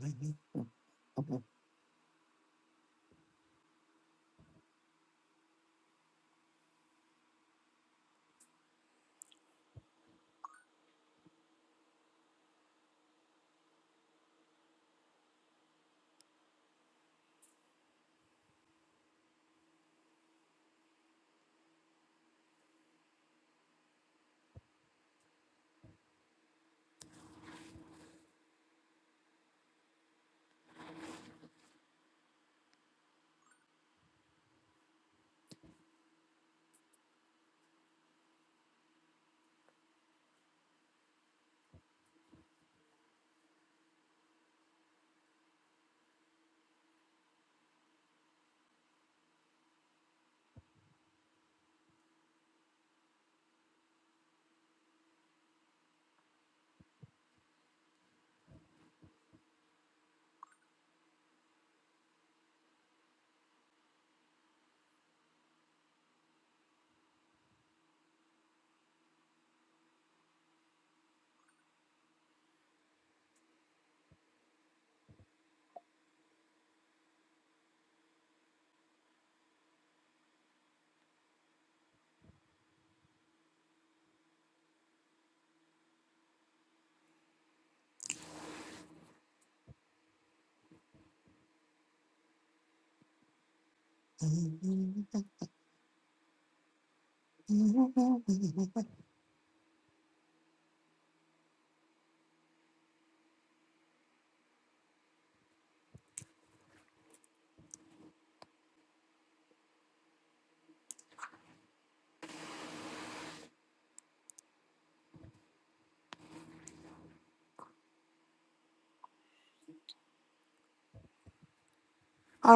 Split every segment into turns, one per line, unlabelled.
All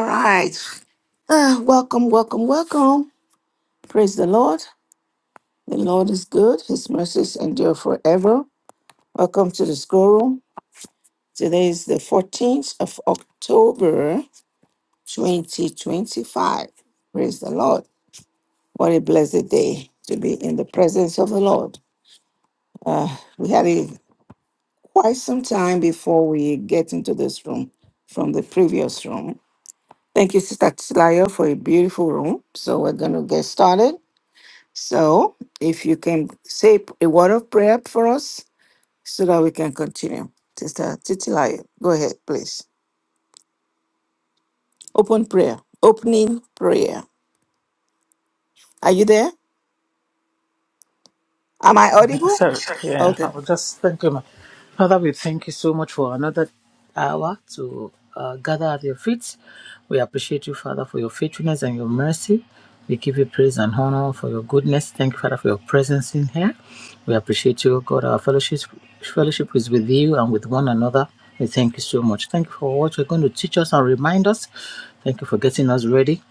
right. Ah, welcome, welcome, welcome. Praise the Lord. The Lord is good. His mercies endure forever. Welcome to the school room. Today is the 14th of October, 2025. Praise the Lord. What a blessed day to be in the presence of the Lord. Uh, we had a, quite some time before we get into this room from the previous room. Thank you, Sister Tilayo, for a beautiful room. So we're going to get started. So if you can say a word of prayer for us so that we can continue. Sister Titilayo, go ahead, please. Open prayer. Opening prayer. Are you there? Am I audible?
So, yeah, I
Okay.
would just thank thinking, Father, we thank you so much for another hour to uh, gather at your feet. We appreciate you, Father, for your faithfulness and your mercy. We give you praise and honor for your goodness. Thank you, Father, for your presence in here. We appreciate you, God. Our fellowship, fellowship is with you and with one another. We thank you so much. Thank you for what you're going to teach us and remind us. Thank you for getting us ready.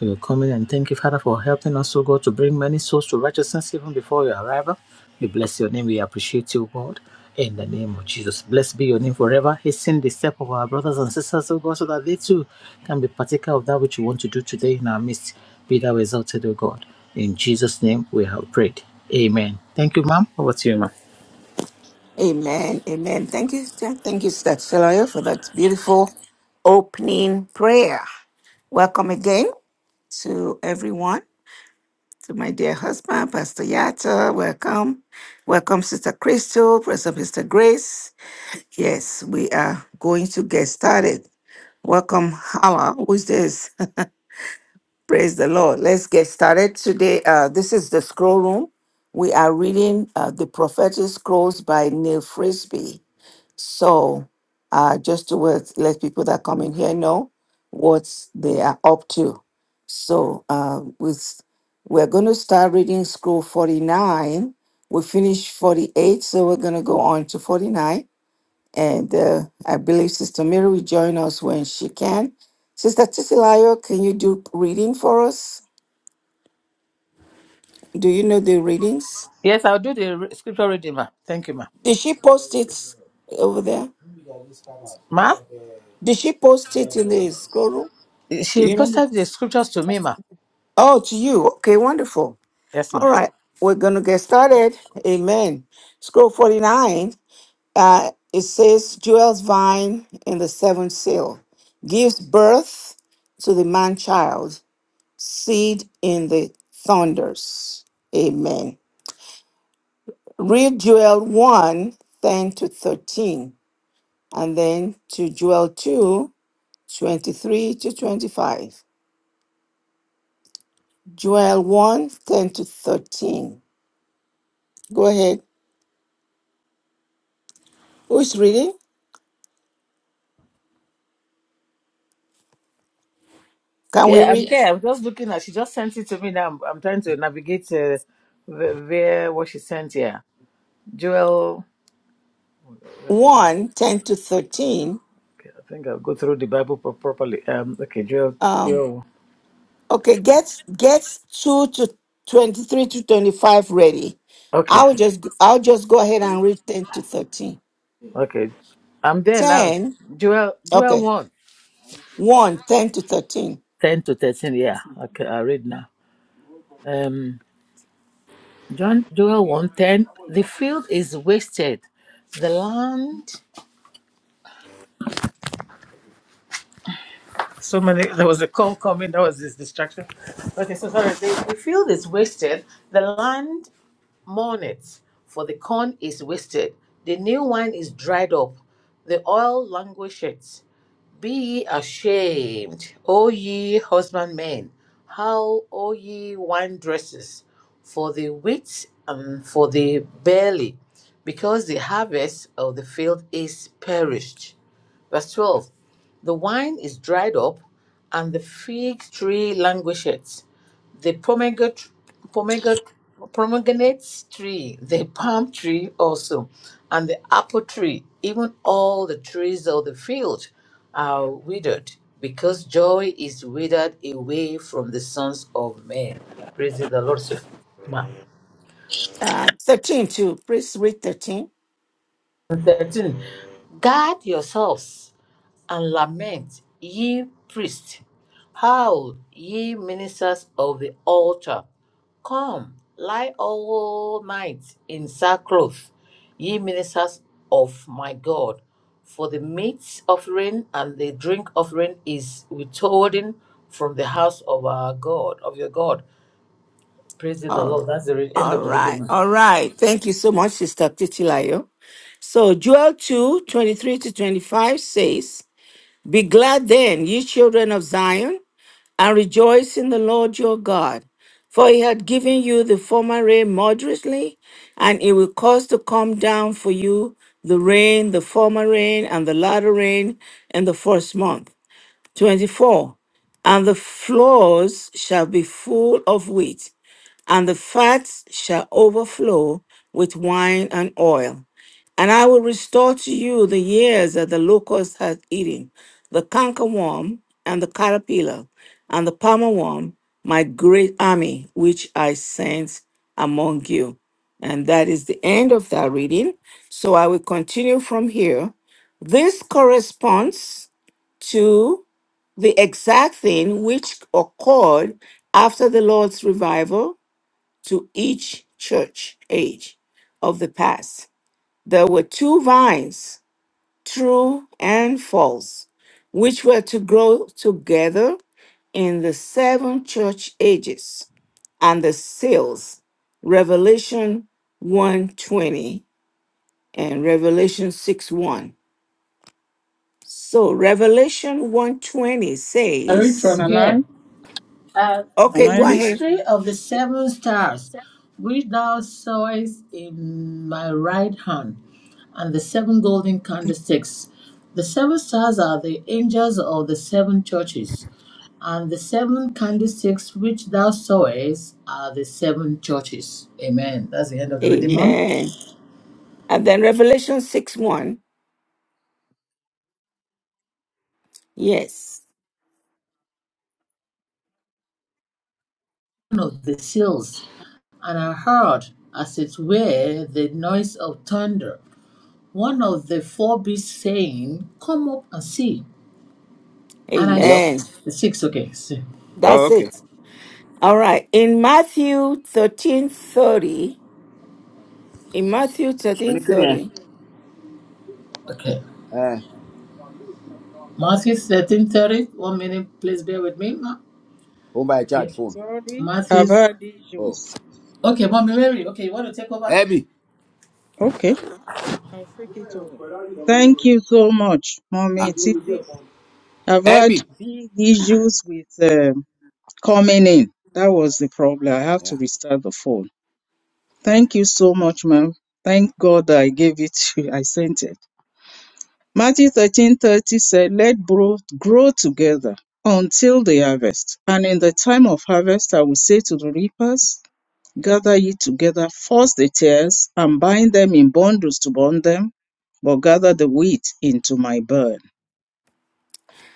We will come in and thank you, Father, for helping us, O God, to bring many souls to righteousness even before your arrival. We bless your name. We appreciate you, God. In the name of Jesus. Blessed be your name forever. Hasten the step of our brothers and sisters, O God, so that they too can be partaker of that which you want to do today in our midst. Be thou exalted, O God. In Jesus' name we have prayed. Amen. Thank you, ma'am. Over to you, ma'am.
Amen. Amen. Thank you. sister- Thank you, Sister Tilayo, for that beautiful opening prayer. Welcome again to everyone. to my dear husband, Pastor Yatta, Welcome. Welcome, Sister Crystal, Pastor Mr. Grace. Yes, we are going to get started. Welcome, Hala. Who's this? Praise the Lord. Let's get started today. Uh, this is the scroll room. We are reading uh, the prophetic scrolls by Neil Frisbee. So, uh, just to let, let people that come in here know what they are up to. So, uh, with, we're going to start reading scroll 49. We finished 48, so we're going to go on to 49. And uh, I believe Sister Mary will join us when she can. Sister Titilayo, can you do reading for us? Do you know the readings?
Yes, I'll do the re- scripture reading, Ma'am. Thank you, Ma'am.
Did she post it over there?
Ma,
Did she post it in the scroll room? Do
she
you know?
posted the scriptures to me, ma.
Oh, to you. Okay, wonderful.
Yes, ma.
All right, we're going to get started. Amen. Scroll 49, uh, it says, Jewel's vine in the seventh seal gives birth to the man child, seed in the thunders. Amen. Read Jewel one 10 to 13, and then to Jewel 2 23 to 25. Jewel one 10 to 13. Go ahead. Who's reading? Can we
Yeah, I'm
read
here.
Yes.
I'm just looking at. She just sent it to me. Now I'm, I'm trying to navigate uh, where, where what she sent here. Joel. that's-
1, ten to 13?
Okay, I think I'll go through the Bible pro- properly. Um. Okay, Joel.
Um,
Joel.
okay, get get 2 to 23 to 25 ready.
Okay.
I'll just I'll just go ahead and read 10 to 13.
Okay. I'm there now.
10,
Joel. Joel
okay.
one.
One 10 to 13.
Ten to thirteen. Yeah. Okay. I read now. Um. John. Joel one ten. The field is wasted. The land. so many there was a call coming that was this distraction okay so sorry the, the field is wasted the land mourn it for the corn is wasted the new wine is dried up the oil languisheth be ye ashamed o ye husbandmen how o ye wine dresses for the wheat and for the barley because the harvest of the field is perished Verse 12 The wine is dried up, and the fig tree languisheth. The pomegranate, pomegranate, pomegranate tree, the palm tree also, and the apple tree, even all the trees of the field are withered, because joy is withered away from the sons of men. Praise the Lord. so- Ma.
Uh 13 too. Please read 13.
13. Guard yourselves. and lament, ye priests. Howl, ye ministers of the altar. Come, lie all night in sackcloth, ye ministers of my God. For the meat offering and the drink offering is withholden from the house of our God, of your God. Praise the Lord.
All,
That's the re- end of
all
the
right.
reading.
All right. Thank you so much, Sister Titilayo. So Joel 2 23 to 25 says, Be glad then, ye children of Zion and rejoice in the Lord your God. For he had given you the former rain moderately, and it will cause to come down for you the rain, the former rain, and the latter rain in the first month. 24. And the floors shall be full of wheat, and the fats shall overflow with wine and oil. And I will restore to you the years that the locust hath eaten, the cankerworm and the caterpillar, and the palmer worm, my great army, which I sent among you. And that is the end of that reading. So I will continue from here. This corresponds to the exact thing which occurred after the Lord's revival to each church age of the past. There were two vines, true and false, which were to grow together in the seven church ages and the seals, Revelation 120 and Revelation 6 1. So Revelation 120
I read
says,
from
Can I?
here. Uh,
Can
okay,
the
I
go
read it?
ahead.
mystery of the seven stars, which thou sawest in my right hand, and the seven golden candlesticks. The seven stars are the angels of the seven churches, and the seven candlesticks which thou sawest are the seven churches. Amen. That's the end of the reading, Mom.
Amen. And then Revelation 6 1. Yes.
One Of the seals, and I heard, as it were, the noise of thunder. One of the four beasts saying, Come up and see. And I,
Hello?
Amen.
s- six, okay, six.
Oh,
That's
okay.
it. All right. In Matthew thirteen thirty, in Matthew thirteen
Anything here?
thirty,
Okay.
Eh,
Matthew 13, thirty. One minute, please bear with me. ma.
home by charge
Okay.
phone.
Sorry, I've
Matthew.
had
Oh.
issues.
Okay, Mommy Mary, okay, you want to take over?
Abby.
Okay, I'll take it over. Thank you so much,
Ah,
Mommy Titi. I've had
Abby.
big issues with um coming in. That was the problem. I have to
Yeah.
restart the phone. Thank you so much, ma'am. Thank God I gave it to you. I sent it. Matthew thirteen thirty said, Let both grow together until the harvest. And in the time of harvest, I will say to the reapers, Gather ye together first the tares, and bind them in bundles to burn them, but gather the wheat into my barn.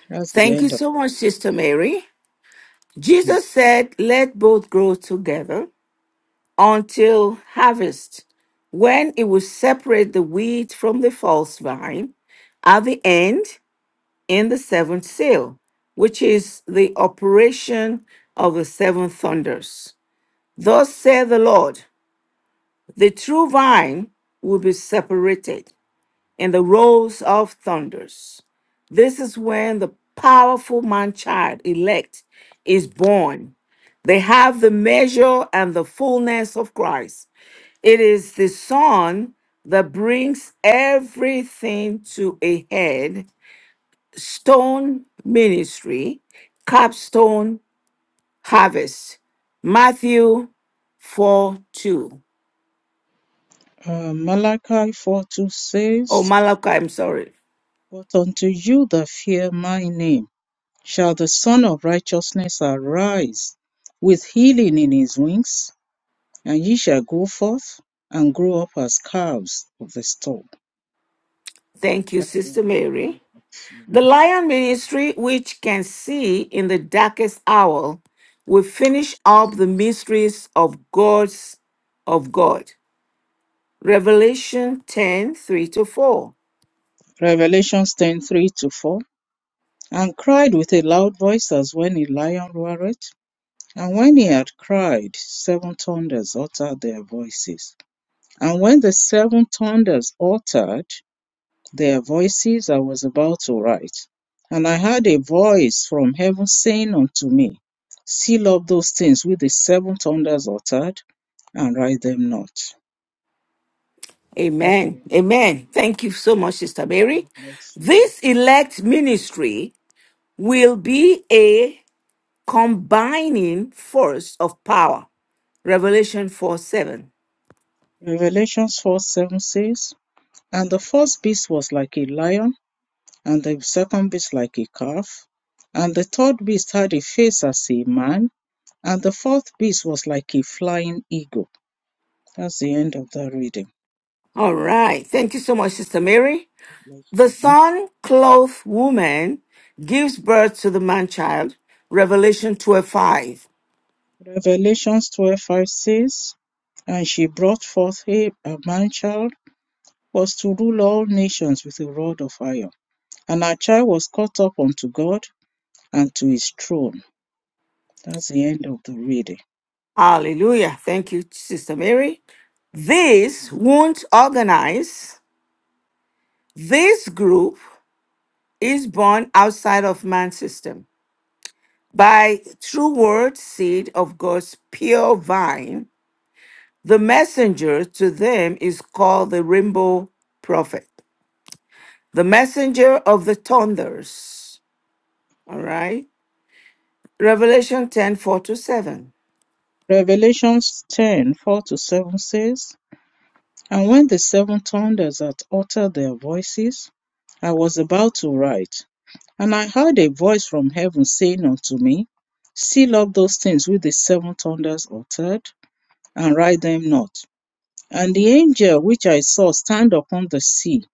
That's the
thank you
end of
so
that.
much, Sister Mary.
Thank
Jesus
you.
said, Let both grow together until harvest, when it will separate the wheat from the false vine at the end in the seventh seal, which is the operation of the seven thunders. Thus saith the Lord, the true vine will be separated and the rolls of thunders. This is when the powerful man child elect is born. They have the measure and the fullness of Christ. It is the Son that brings everything to a head. Stone ministry, capstone harvest. Matthew 4 2.
Uh, Malachi 4 2
Oh,
says,
Malachi, I'm sorry.
But unto you that fear my name shall the Son of Righteousness arise with healing in his wings, and ye shall go forth and grow up as calves of the stall.
Thank you,
That's the
Sister
end
Mary.
of
The
that.
Lion Ministry, which can see in the darkest hour, will finish up the mysteries of God's of God. Revelation 10 3 to 4.
Revelation ten three to 4. and cried with a loud voice as when a lion roareth. And when he had cried, seven thunders uttered their voices. And when the seven thunders uttered their voices, I was about to write. And I heard a voice from heaven saying unto me, Seal up those things which the seven thunders uttered, and write them not. That's the
Amen.
end of the-
Amen. Thank you so much, Sister Mary.
God bless you, ma'am.
This elect ministry will be a combining force of power. Revelation 4, 7.
Revelations 4 7 says, And the first beast was like a lion and the second beast like a calf, and the third beast had a face as a man, and the fourth beast was like a flying eagle. That's the end of that reading.
All right. Thank you so much, Sister Mary. The sun clothed woman gives birth to the man child. Revelation 12 5.
Revelations 12 5 says, And she brought forth a, a man child, was to rule all nations with a rod of iron. And her child was caught up unto God and to his throne. That's the end of the reading.
Hallelujah. Thank you, Sister Mary. This won't organize. This group is born outside of man's system. By true word, seed of God's pure vine, the messenger to them is called the rainbow prophet, the messenger of the thunders. All right. Revelation 10 4 to 7.
Revelations 10 4 to 7 says, And when the seven thunders had uttered their voices, I was about to write. And I heard a voice from heaven saying unto me, Seal up those things which the seven thunders uttered, and write them not. And the angel which I saw stand upon the sea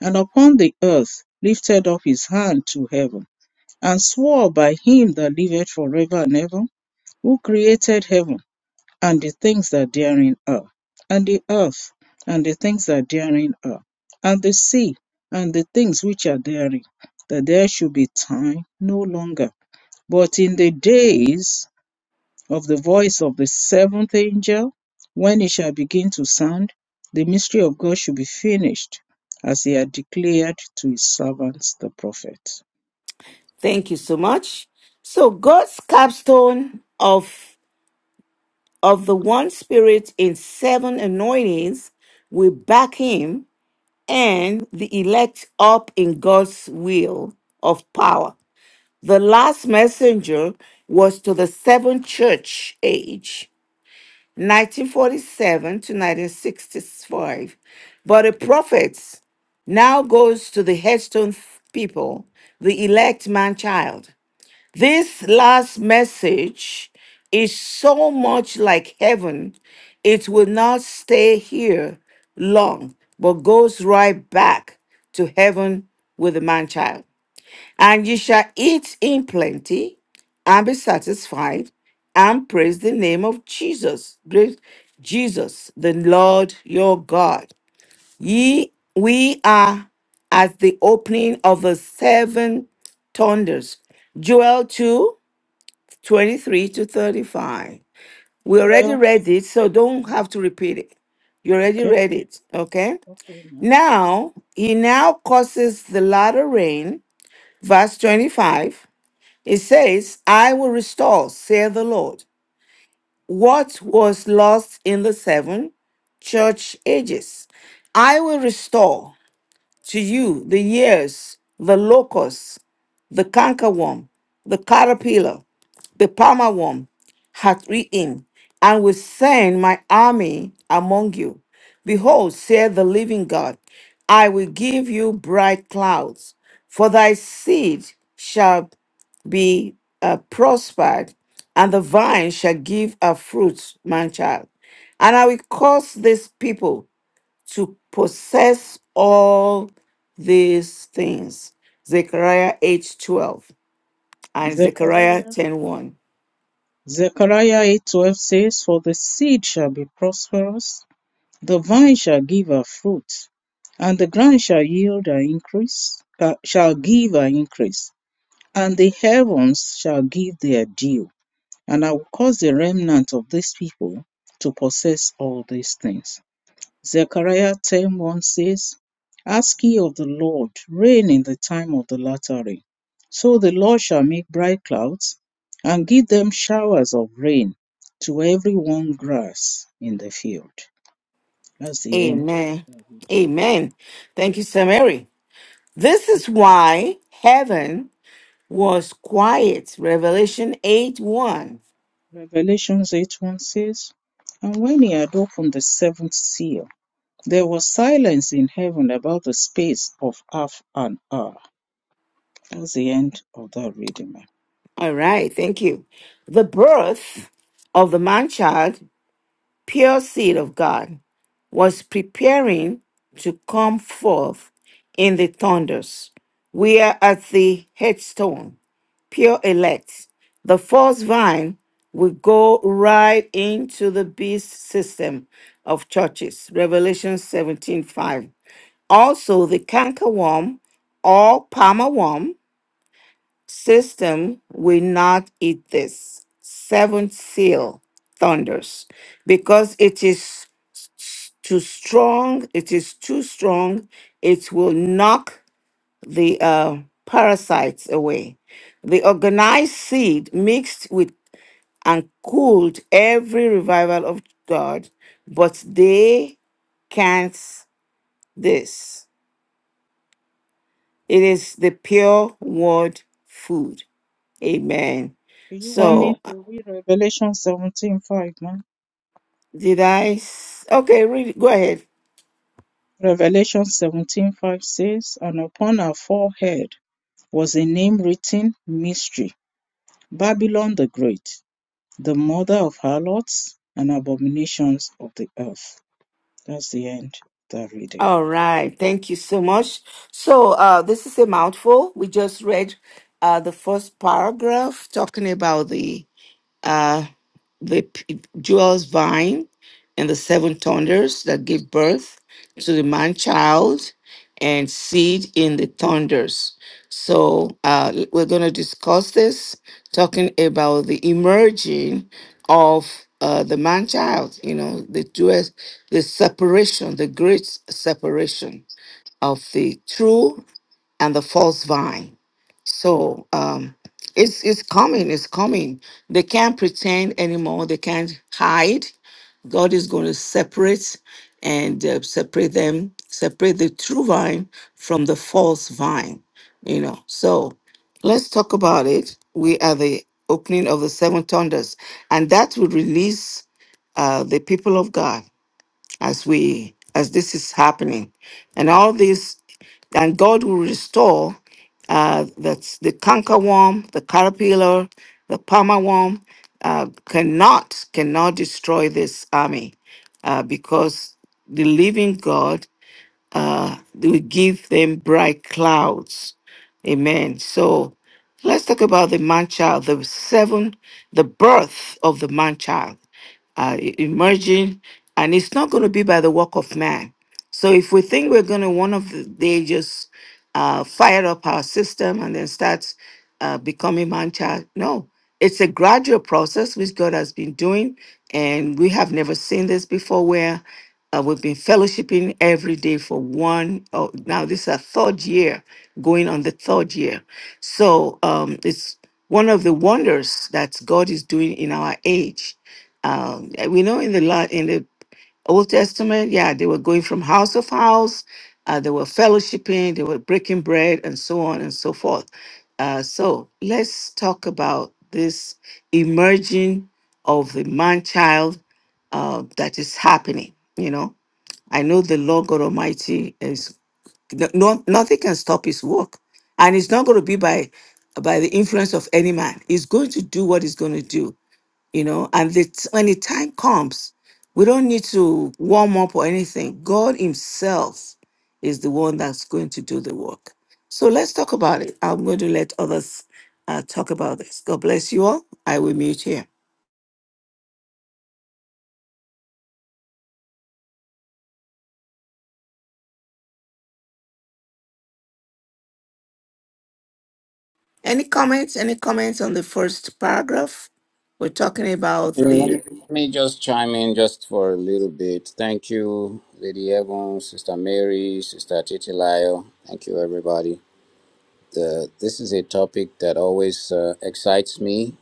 and upon the earth lifted up his hand to heaven, and swore by him that liveth forever and ever, who created heaven and the things that therein are, and the earth, and the things that therein are, and the sea, and the things which are therein, that there should be time no longer. But in the days of the voice of the seventh angel, when it shall begin to sound, the mystery of God should be finished, as he had declared to his servants the prophets.
Thank you so much. So God's capstone of of the one spirit in seven anointings will back him and the elect up in God's will of power. The last messenger was to the seventh church age 1947 to 1965. But the prophet now goes to the headstone people, the elect man child. This last message is so much like heaven, it will not stay here long, but goes right back to heaven with the man child. And ye shall eat in plenty and be satisfied and praise the name of Jesus, great Jesus, the Lord your God. Ye, we are at the opening of the seven thunders. Joel 2 23 to 35. We already
Well,
read it, so don't
yes,
have to repeat it. You already
okay.
read it, okay?
Okay, ma'am.
Now, he now causes the latter rain, verse 25 it says, I will restore, saith the Lord, what was lost in the seven church ages. I will restore to you the years, the locust, the cankerworm, the caterpillar, the palmer worm hath eaten, and will send my army among you. Behold, saith the living God, I will give you bright clouds, for thy seed shall be uh, prospered, and the vine shall give her fruits, man child. And I will cause this people to possess all these things. Zechariah 8 12 and Zechariah
Zechariah
ten one.
Zechariah eight twelve says, For the seed shall be prosperous, the vine shall give her fruit, and the ground shall yield her increase, uh, shall give her increase, and the heavens shall give their dew. And I will cause the remnant of this people to possess all these things. Zechariah ten one says, Ask ye of the Lord rain in the time of the latter rain. So the Lord shall make bright clouds and give them showers of rain to every one grass in the field. That's the end.
Amen. Amen. Thank you, Sir Mary. This is why heaven was quiet. Revelation 8 1.
Revelations eight one says, And when he had opened the seventh seal, there was silence in heaven about the space of half an hour. That's the end of that reading, ma'am.
All right. Thank you. The birth of the man child, pure seed of God. was preparing to come forth in the thunders. We are at the headstone, pure elect. The false vine will go right into the beast system of churches. Revelation 17 5. Also, the cankerworm or palmer worm system will not eat this. Seventh seal thunders because it is s- too strong, it is too strong, it will knock the uh, parasites away. The organized seed mixed with and cooled every revival of God, but they can't this. It is the pure word food. Amen.
Do you want me
So
to read Revelation 17:5, ma'am?
Did I? s- Okay, read. Go ahead.
Revelation 17:5 says, And upon her forehead was a name written, Mystery, Babylon the Great, the mother of harlots and abominations of the earth. That's the end of that reading.
All right. Thank you so much. So, uh, this is a mouthful. We just read uh, the first paragraph talking about the uh, the p- Jewel's vine and the seven thunders that give birth to the man child and seed in the thunders. So uh, we're going to discuss this, talking about the emerging of uh, the man child, you know, the jewels, the separation, the great separation of the true and the false vine so um, it's it's coming. It's coming. They can't pretend anymore. They can't hide. God is going to separate and uh, separate them, separate the true vine from the false vine. You know. So let's talk about it. We are the opening of the seven thunders, and that will release uh, the people of God as we as this is happening and all this and god will restore uh that's the canker worm the caterpillar the palmer worm uh, cannot cannot destroy this army uh, because the living god uh, will give them bright clouds. Amen. So let's talk about the man child, the seven, the birth of the man child uh, e- emerging, and it's not going to be by the work of man. So if we think we're going to one of the day just uh, fire up our system and then start uh, becoming man child, no, it's a gradual process which God has been doing, and we have never seen this before where. Uh, we've been fellowshipping every day for one. Oh, now this is our third year, going on the third year. So um, it's one of the wonders that God is doing in our age. Um, we know in the la- in the Old Testament, yeah, they were going from house of house. Uh, they were fellowshipping, they were breaking bread, and so on and so forth. Uh, so let's talk about this emerging of the man child uh, that is happening. You know, I know the Lord God Almighty is no, no- nothing can stop His work, and it's not going to be by by the influence of any man. He's going to do what He's going to do you know and the, t- when the time comes we don't need to warm up or anything god himself is the one that's going to do the work so let's talk about it i'm going to let others uh, talk about this god bless you all i will mute here any comments any comments on the first paragraph we're talking about
Mm, Let
the
me, let me just chime in just for a little bit. Thank you, Lady Evans, Sister Mary, Sister Titilayo. Thank you, everybody. The, this is a topic that always uh, excites me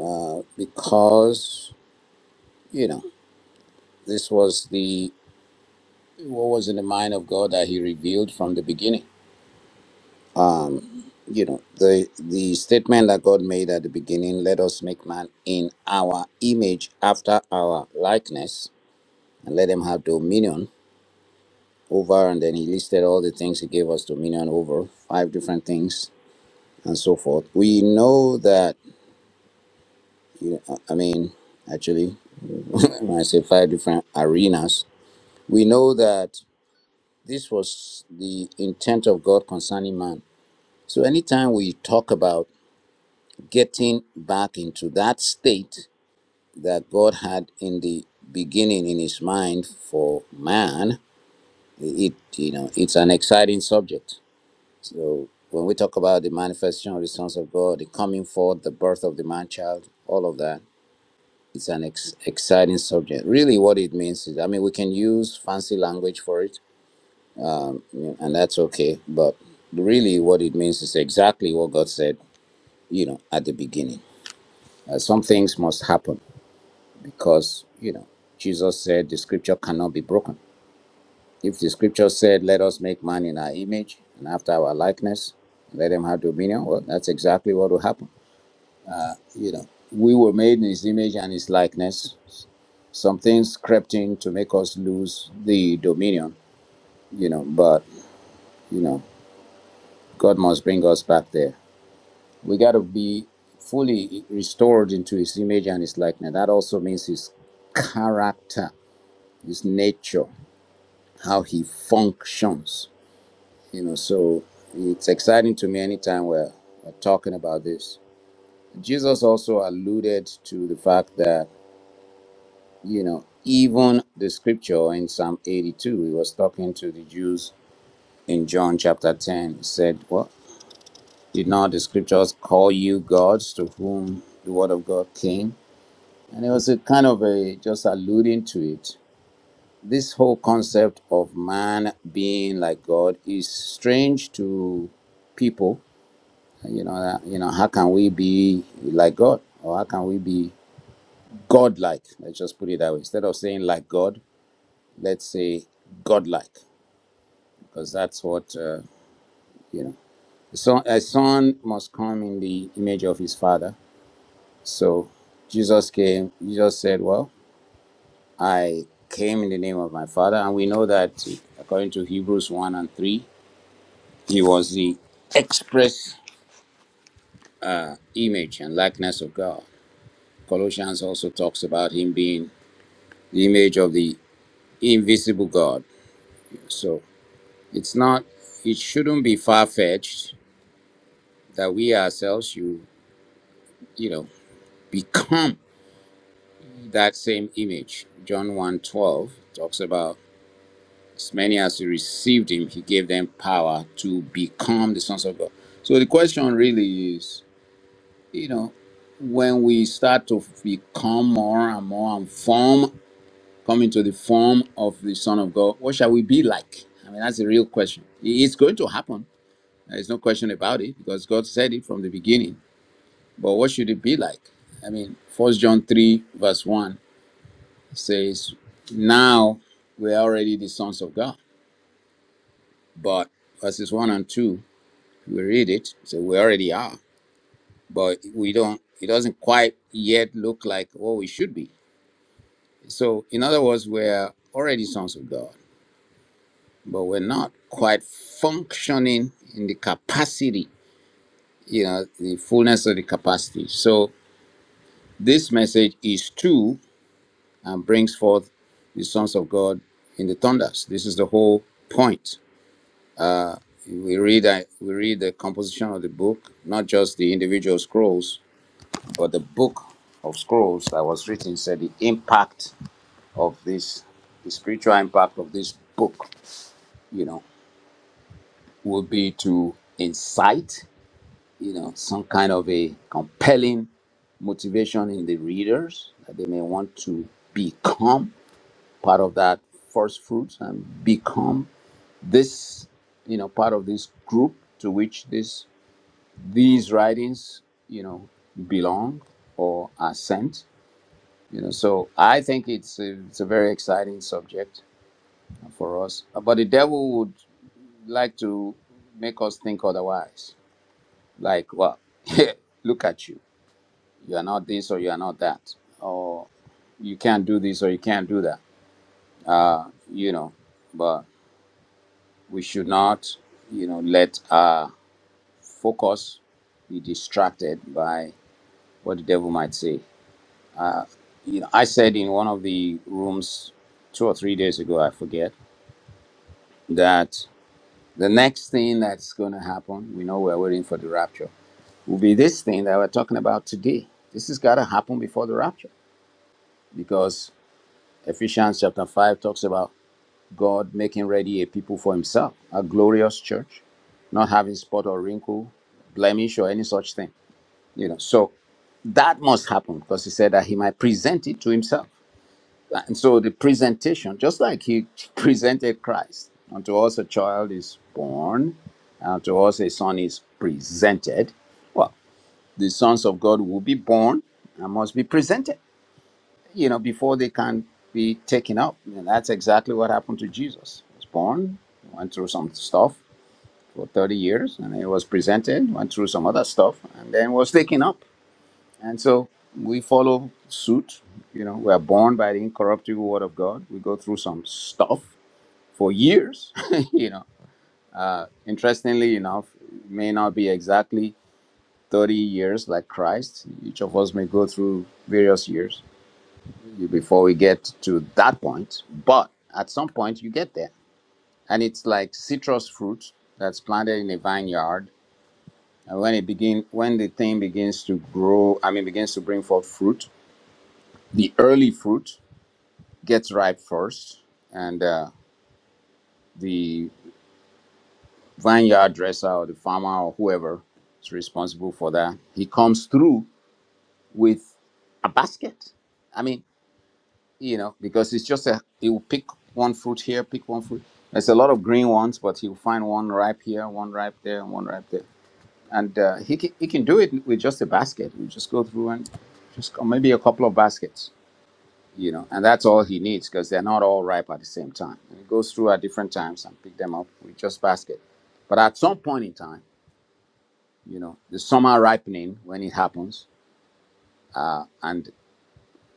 uh, because, you know, this was the what was in the mind of God that He revealed from the beginning. um you know the the statement that god made at the beginning let us make man in our image after our likeness and let them have dominion over and then he listed all the things he gave us dominion over five different things and so forth we know that you know, i mean actually when i say five different arenas we know that this was the intent of god concerning man so anytime we talk about getting back into that state that God had in the beginning in his mind for man, it you know, it's an exciting subject. So when we talk about the manifestation of the sons of God, the coming forth, the birth of the man child, all of that, it's an ex- exciting subject. Really, what it means is, I mean, we can use fancy language for it, um, and that's okay. But really, what it means is exactly what God said, you know, at the beginning. Uh, some things must happen because you know jesus said the scripture cannot be broken if the scripture said let us make man in our image and after our likeness let him have dominion well that's exactly what will happen you know we were made in his image and his likeness some things crept in to make us lose the dominion you know but you know god must bring us back there we got to be fully restored into his image and his likeness that also means his character his nature how he functions. You know, so it's exciting to me anytime we're, we're talking about this. Jesus also alluded to the fact that, you know, even the scripture in Psalm 82, he was talking to the Jews in John chapter 10. He said, Well, did not the scriptures call you gods to whom the word of God came? And it was a kind of a just alluding to it this whole concept of man being like God is strange to people. You know, uh, you know, how can we be like God, or how can we be God-like? Let's just put it that way. Instead of saying like God, let's say God-like, because that's what uh, you know. The a son must come in the image of his father. So Jesus came. Jesus said, "Well, I came in the name of my father," and we know that according to Hebrews one and three He was the express uh, image and likeness of God. Colossians also talks about him being the image of the invisible God. So it's not, it shouldn't be far fetched that we ourselves should, you know, become that same image. John one twelve talks about as many as who received him, he gave them power to become the sons of God. So the question really is you know, when we start to become more and more and form, come into the form of the Son of God, what shall we be like? I mean, that's the real question. It's going to happen. There's no question about it because God said it from the beginning. But what should it be like? I mean, First John 3, verse 1 says, Now we're already the sons of God. But verses 1 and 2, we read it, so we already are. But we don't, it doesn't quite yet look like what we should be So, in other words, we're already sons of God, but we're not quite functioning in the capacity, you know, the fullness of the capacity. So, this message is true and brings forth the sons of God in the thunders. This is the whole point. Uh, we read uh, we read the composition of the book, not just the individual scrolls, but the book of scrolls that was written said the impact of this, the spiritual impact of this book. You know. would be to incite, you know, some kind of a compelling motivation in the readers that they may want to become part of that first fruits and become this, you know, part of this group to which this these writings, you know, belong or are sent. You know, so I think it's a, it's a very exciting subject for us. But the devil would like to make us think otherwise Like, well, look at you. You are not this or you are not that. Or you can't do this or you can't do that. You know, but we should not, you know, let our focus be distracted by what the devil might say. You know, I said in one of the rooms two or three days ago, I forget, that the next thing that's going to happen, we know we're waiting for the rapture, will be this thing that we're talking about today. This has got to happen before the rapture because Ephesians chapter 5 talks about God making ready a people for himself, a glorious church, not having spot or wrinkle, blemish, or any such thing. You know, so that must happen because he said that he might present it to himself. And so the presentation, just like he presented Christ, unto us a child is born, and to us a son is presented. Well, the sons of God will be born and must be presented you know, before they can be taken up. And that's exactly what happened to Jesus. He was born, went through some stuff for 30 years, and he was presented, went through some other stuff, and then was taken up. And so we follow suit. You know, we are born by the incorruptible word of God. We go through some stuff for years. you know, uh, interestingly enough, it may not be exactly 30 years like Christ. Each of us may go through various years you before we get to that point. But at some point, you get there, and it's like citrus fruit that's planted in a vineyard. And when it begin, when the thing begins to grow, I mean, begins to bring forth fruit, the early fruit gets ripe first, and uh, the vineyard dresser or the farmer or whoever is responsible for that, he comes through with a basket. I mean, you know, because it's just a he'll pick one fruit here, pick one fruit. There's a lot of green ones, but he'll find one ripe here, one ripe there, and one ripe there. And uh, he can, he can do it with just a basket. We just go through and just or maybe a couple of baskets, you know, and that's all he needs because they're not all ripe at the same time. And he goes through at different times and pick them up with just basket. But at some point in time, you know, the summer ripening when it happens, uh, and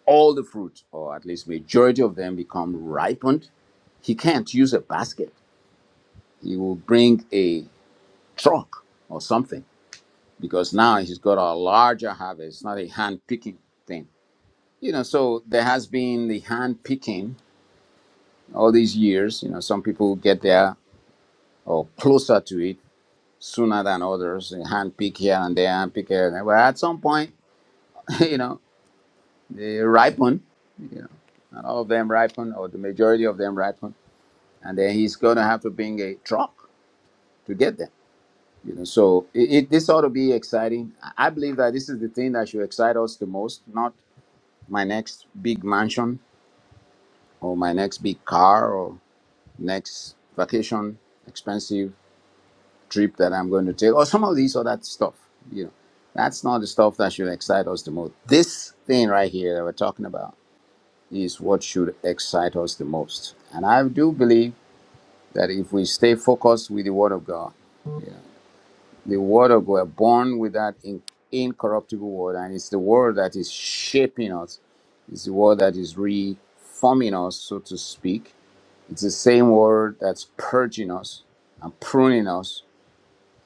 all the fruit, or at least majority of them, become ripened, he can't use a basket. He will bring a truck or something because now he's got a larger harvest, not a hand picking thing. You know, so there has been the hand picking all these years. You know, some people get there or closer to it sooner than others. They hand pick here and there, hand pick here and there. But at some point, you know, they ripen. You know, not all of them ripen, or the majority of them ripen and then he's gonna have to bring a truck to get them. You know, so it, it this ought to be exciting. I I believe that this is the thing that should excite us the most, not my next big mansion or my next big car or next vacation, expensive trip that I'm going to take, or some of these other stuff. You know, that's not the stuff that should excite us the most. This thing right here that we're talking about is what should excite us the most. And I do believe that if we stay focused with the Word of God. the word of God, born with that in, incorruptible word, and it's the word that is shaping us. It's the word that is reforming us, so to speak. It's the same word that's purging us and pruning us,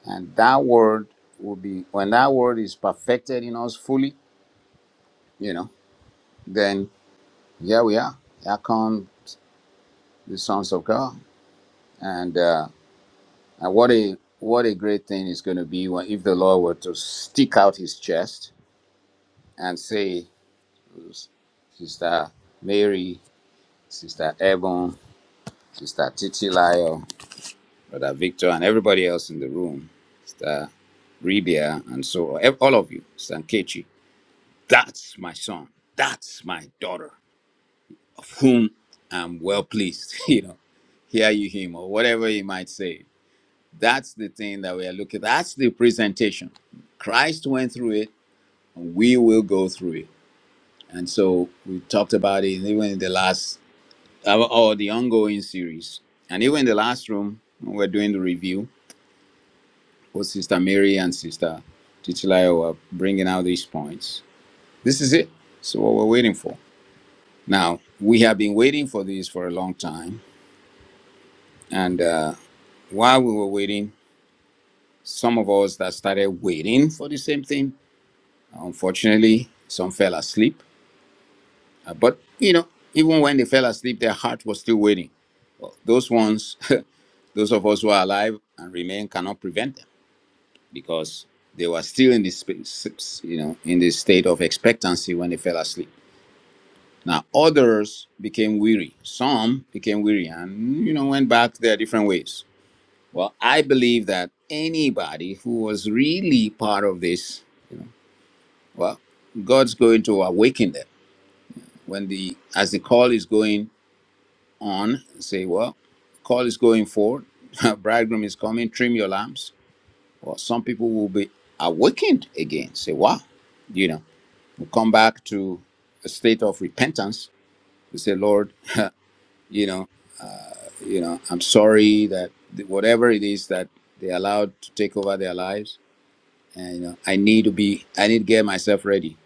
and that word will be when that word is perfected in us fully. You know, then here we are. Here come the sons of God, and uh, and what a what a great thing is going to be when if the Lord were to stick out His chest and say Sister Mary, Sister Ebon, Sister Titi Lyle, Brother Victor, and everybody else in the room, Sister Rebia, and so on. all of you, Sister Nkechi. That's my son. That's my daughter, of whom I'm well pleased. You know, hear you him or whatever you might say. That's the thing that we are looking. That's the presentation. Christ went through it, and we will go through it. And so we talked about it even in the last Our- or the ongoing series. And even in the last room, when we're doing the review, both Sister Mary and Sister Titilayo were bringing out these points. This is it. So what we're waiting for. Now, we have been waiting for this for a long time. And uh, while we were waiting, some of us that started waiting for the same thing, unfortunately, some fell asleep. Uh, but, you know, even when they fell asleep, their heart was still waiting. Well, those ones, those of us who are alive and remain, cannot prevent them because they were still in this you know in this state of expectancy when they fell asleep now others became weary some became weary and you know went back their different ways well i believe that anybody who was really part of this you know well god's going to awaken them when the as the call is going on say well call is going forward bridegroom is coming trim your lamps well some people will be awakened again say wow you know we come back to a state of repentance. We say, Lord, you know, you know, I'm sorry that whatever it is that they allowed to take over their lives, and you know, I need to be, I need to get myself ready.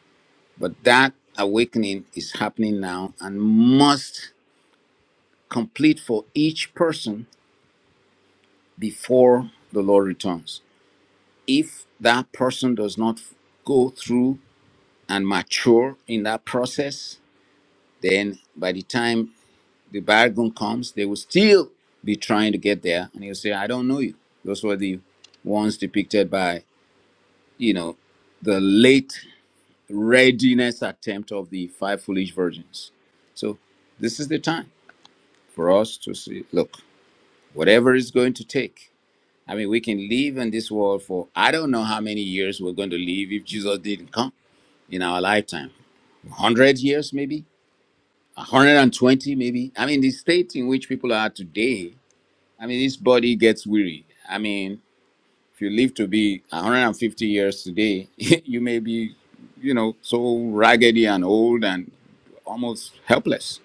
But that awakening is happening now and must complete for each person before the Lord returns. If that person does not go through and mature in that process, then by the time the bygone comes, they will still be trying to get there, and he'll say, "I don't know you." Those were the ones depicted by you know the late readiness attempt of the five foolish virgins. So this is the time for us to see. Look, whatever it's going to take. I mean, we can live in this world for I don't know how many years we're going to live if Jesus didn't come in our lifetime. 100 years, maybe 120, maybe. I mean, the state in which people are today I mean, this body gets weary. I mean, if you live to be 150 years today, you may be, you know, so raggedy and old and almost helpless.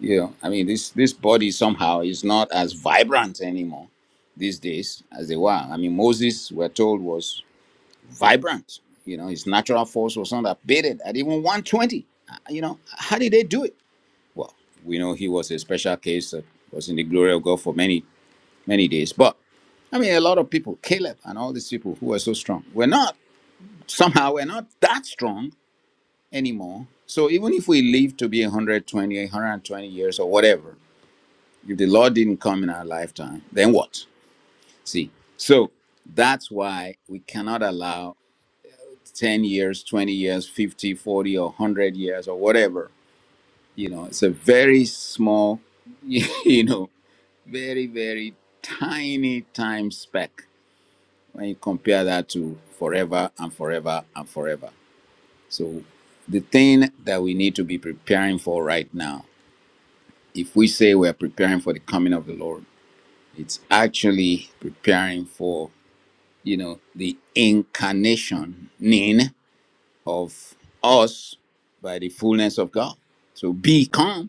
You know, I mean, this this body somehow is not as vibrant anymore these days as they were. I mean, Moses, we're told, was vibrant. You know, his natural force was not abated at even 120. Uh, You know, how did they do it? Well, we know he was a special case that was in the glory of God for many many days. But I mean, a lot of people, Caleb and all these people who were so strong, we're not, somehow, we're not that strong anymore. So even if we live to be 120, 120 years or whatever, if the Lord didn't come in our lifetime, then what? See? So that's why we cannot allow 10 years, 20 years, 50, 40, or 100 years or whatever. You know, it's a very small, you know, very, very tiny time spec when you compare that to forever and forever and forever. So, the thing that we need to be preparing for right now, if we say we're preparing for the coming of the Lord, it's actually preparing for, you know, the incarnation of us by the fullness of God. So, become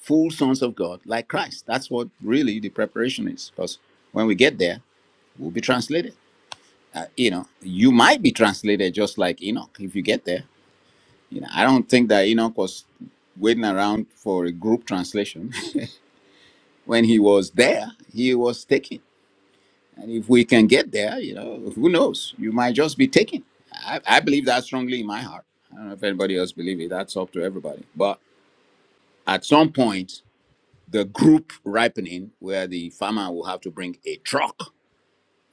full sons of God like Christ. That's what really the preparation is. Because when we get there, we'll be translated. uh, you know, you might be translated just like Enoch if you get there. You know, I don't think that Enoch was waiting around for a group translation. when he was there, he was taken. And if we can get there, you know, who knows? You might just be taken. I, I believe that strongly in my heart. I don't know if anybody else believes it. That's up to everybody. But at some point, the group ripening where the farmer will have to bring a truck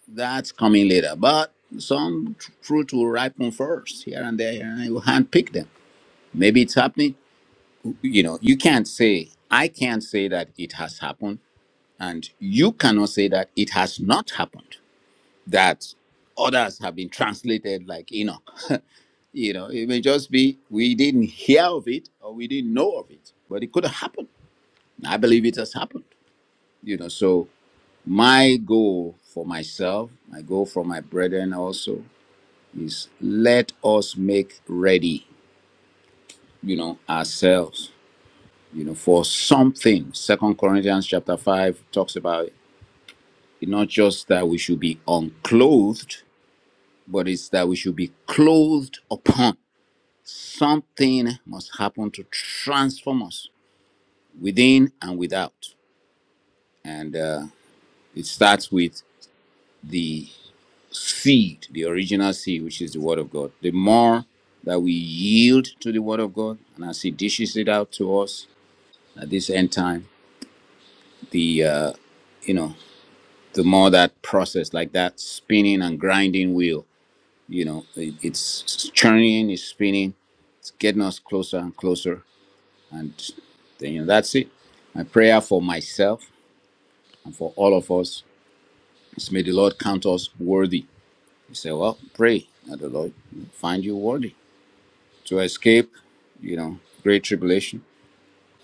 That's coming later. But some tr- fruit will ripen first here and there, and you handpick them. Maybe it's happening. You know, you can't say, I can't say that it has happened, and you cannot say that it has not happened. That others have been translated like Enoch. You know, it may just be we didn't hear of it or we didn't know of it, but it could have happened. I believe it has happened. You know, so my goal for myself, my goal for my brethren also is let us make ready you know ourselves you know for something second corinthians chapter 5 talks about it It's not just that we should be unclothed but it's that we should be clothed upon something must happen to transform us within and without and uh, it starts with the seed the original seed which is the word of god the more that we yield to the word of god and as he dishes it out to us at this end time the uh you know the more that process like that spinning and grinding wheel you know it, it's churning it's spinning it's getting us closer and closer and then you know that's it my prayer for myself and for all of us is may the lord count us worthy you say well pray that the lord will find you worthy to escape you know great tribulation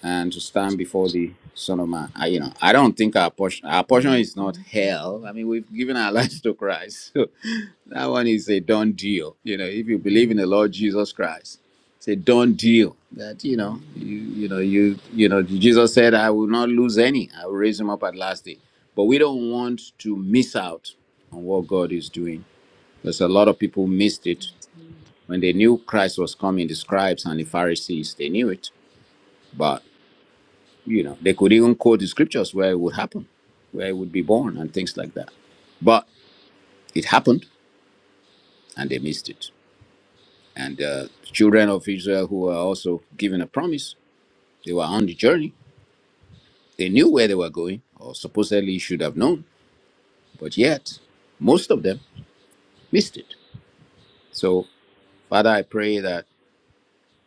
and to stand before the Son of Man. I, you know, I don't think our portion, our portion
Mhm.
is not hell. I mean, we've given our lives to Christ. So that one is a done deal. You know, if you believe in the Lord Jesus Christ, it's a done deal. That you know, you you know, you you know, Jesus said, "I will not lose any. I will raise him up at last day." But we don't want to miss out on what God is doing. There's a lot of people missed it when they knew Christ was coming. The scribes and the Pharisees, they knew it, but. You know, they could even quote the scriptures where it would happen, where it would be born, and things like that. But it happened, and they missed it. And uh, the children of Israel who were also given a promise, they were on the journey. They knew where they were going, or supposedly should have known, but yet most of them missed it. So, Father, I pray that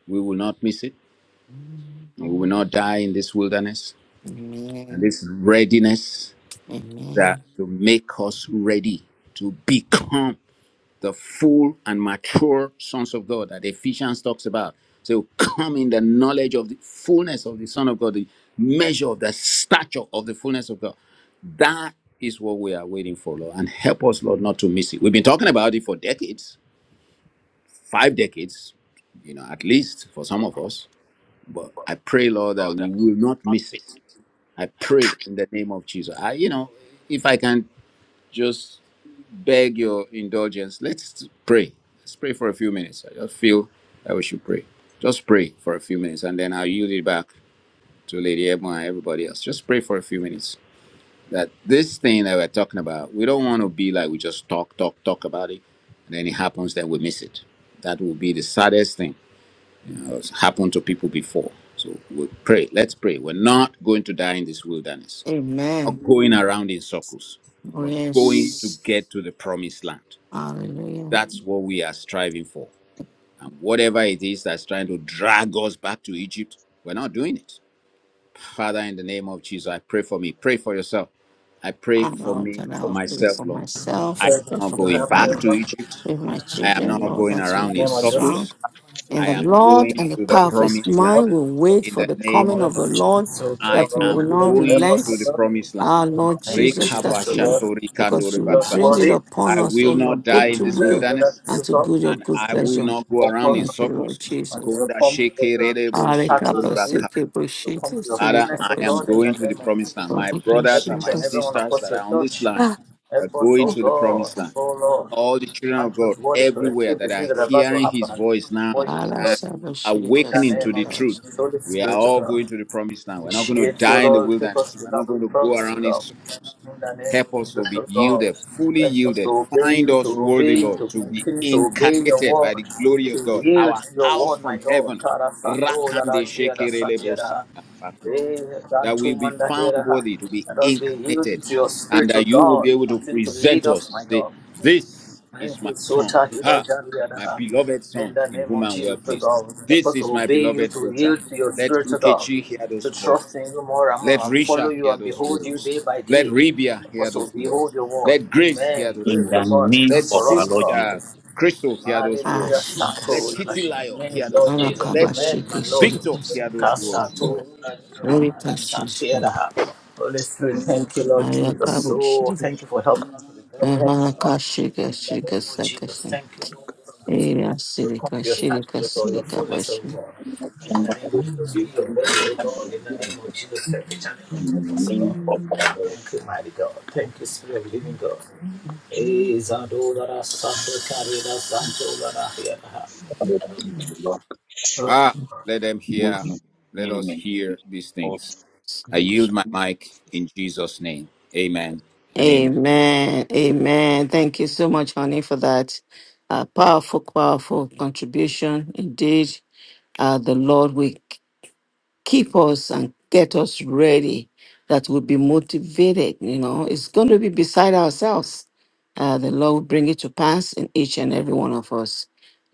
we will not miss it, and we will not die in this wilderness and
amen
this readiness that
amen
to make us ready to become. the full and mature sons of God that Ephesians talks about. So come in the knowledge of the fullness of the Son of God, the measure of the stature of the fullness of God. That is what we are waiting for, Lord. And help us, Lord, not to miss it. We've been talking about it for decades, five decades, you know, at least for some of us. But I pray, Lord, that we will not miss it. I pray in the name of Jesus. I, you know, if I can just beg your indulgence. Let's pray. Let's pray for a few minutes. I just feel that we should pray. Just pray for a few minutes, and then I'll yield it back to Lady Ebon and everybody else. Just pray for a few minutes. That this thing that we're talking about, we don't want to be like we just talk, talk, talk about it, and then it happens, then we miss it. That will be the saddest thing you know, that's happened to people before. So we pray. Let's pray. We're not going to die in this wilderness. We're
amen
not going around in circles.
oh
We're going to
yes
get to the promised land.
hallelujah
That's what we are striving for. And whatever it is that's trying to drag us back to Egypt, we're not doing it. Father, in the name of Jesus, I pray for me. Pray for yourself. I pray
I
for
Lord,
me,
that I
for
will pray for
myself, Lord. I
myself,
am
we
Said that
pray
not
you
for
will
my
going
help me Lord.
back
family,
to
in
Egypt.
pray for my
I am
children,
not
Lord,
going
that will
around
the
be
in
name of Jesus.
strong.
circles.
we
in
I
the
am
Lord
going
and the
to the
thank you, Lord,
power
you
of
come
his
to
promised land.
mind
body.
will wait
In
for
the
the
In
name
the
of
coming
name
of the
of
Jesus,
Lord,
Jesus, so
I
God,
that we
Lord,
am
will
give us
not
the help
going
us,
relent.
to the
O God.
promised land.
Our
In
Lord
the name of
Jesus,
Jesus,
that
so
you
God,
because you
send
will
us
Rekabashatorikandoribasa.
bring it
worthy.
upon
I
us, O
will not
Lord,
die
And
both
in
to
this
I
will
will that,
wilderness.
so
and to
God,
good your
and
so
good
I
God,
will
pleasure.
not go around
focus
in
Thank
on
you, Lord
circles.
and
Jesus.
to
Konda
come to
sheke
the
rerebo
taxes
sotori
of you,
baka.
to come to the
Father,
fullness
I
of
am
God in
Arekapasikeposhitosirikapashin-
the
going to the
name of Jesus.
promised land. My brothers
Help
and
each
my
and
Orikashintos-
everyone
sisters
across
that are
your
on this
church.
line
Ah,
are
Help us,
going
oh
ah,
to the
God,
promised
ah.
land.
oh Lord.
All the children of
Count
God
us worthy to
everywhere
escape the
that
things
are
that are about to
hearing his
happen and
voice
come before
now
you, my Lord.
and
In the
awakening to
name
the
of
truth.
Alashaba-shirika-sundara-shi-
Jesus, Holy
We are
Spirit of
all
God.
going to the promised land. We're not going to
Appreciate you,
die in the
Lord. Take us to
wilderness.
the
We're not
land of
going
the
to go
promise to
around in
God.
circles.
In the name
Help
of
us to
Jesus,
be
O God.
yielded, fully
Help us to
yielded.
obey
Find
you, to
us
obey
worthy,
you, to
Lord, to be
continue to obey your
incarnated by the
word,
glory of
to
God,
yield
our
to your
house
word, my
from
God.
heaven.
Kara sato la da
Rakande
jia da
shekerelebo
satia da. Eh, dan
That we
tu
be
manda
found
hera ha.
worthy to be
Let us be yielding
incarnated,
to your
and
spiritual
that you will
God.
be able to
Continue to
present
lead us,
us and
my
say,
God.
This is
Thank you,
my son,
Sota Hida
ha, my
Jandiana.
beloved
In
son,
the
in
name
whom
of
I'm
Jesus,
well
O
pleased.
God, help
This
us to
is my
obey you,
beloved
to
daughter.
yield to your
Let
spirit, O God,
Nkechi hear
to
those
trust
words.
in you more and
Let
more, and follow
Risha
you
hear
and
those
behold you
words.
day by
Let
day.
Rebia
Help
hear
us to
those
behold
words.
your word.
Let Grace hear
Amen.
those
In
Grace, O
the
words.
God,
name
Let
stand
of
for
our
us,
Sin-
O
Lord
God.
uh,
Jesus.
Crystal hear those
Ah,
Hallelujah.
words. Let
Sato,
shirikas.
Titilayo
Amen,
hear those
Lord
words.
Jesus.
Let
Amen, my Lord.
Victor
Alakaba-shiki-shirikas.
hear those words, Lord.
Kasato,
Rika-shirikas.
Santiera. Holy Spirit, thank you, Lord Jesus. So,
Ayakabo-shirik.
thank you for helping us with the very hand of God. In the name of Jesus,
Ahalaka-shirika-shirikasakasan.
thank you, Lord, for us. We come to your sacrifice or your fullness, of Lord.
In the
In
name
the
of our
name of
Lord
Jesus,
Jesus,
we
we
obey you, God. In the name of Jesus, every channel of God. Thank you, mighty God. Thank you, Spirit of Living
Eyasirika-shirika-sirikabashi.
God. Brother
Ah, let them hear. Let us hear these things. I yield my mic in Jesus' name. Amen and amen.
Amen. Amen. Thank you so much, honey, for that uh, powerful, powerful contribution. Indeed, uh, the Lord will keep us and get us ready that we'll be motivated you know it's going to be beside ourselves uh, the lord will bring it to pass in each and every one of us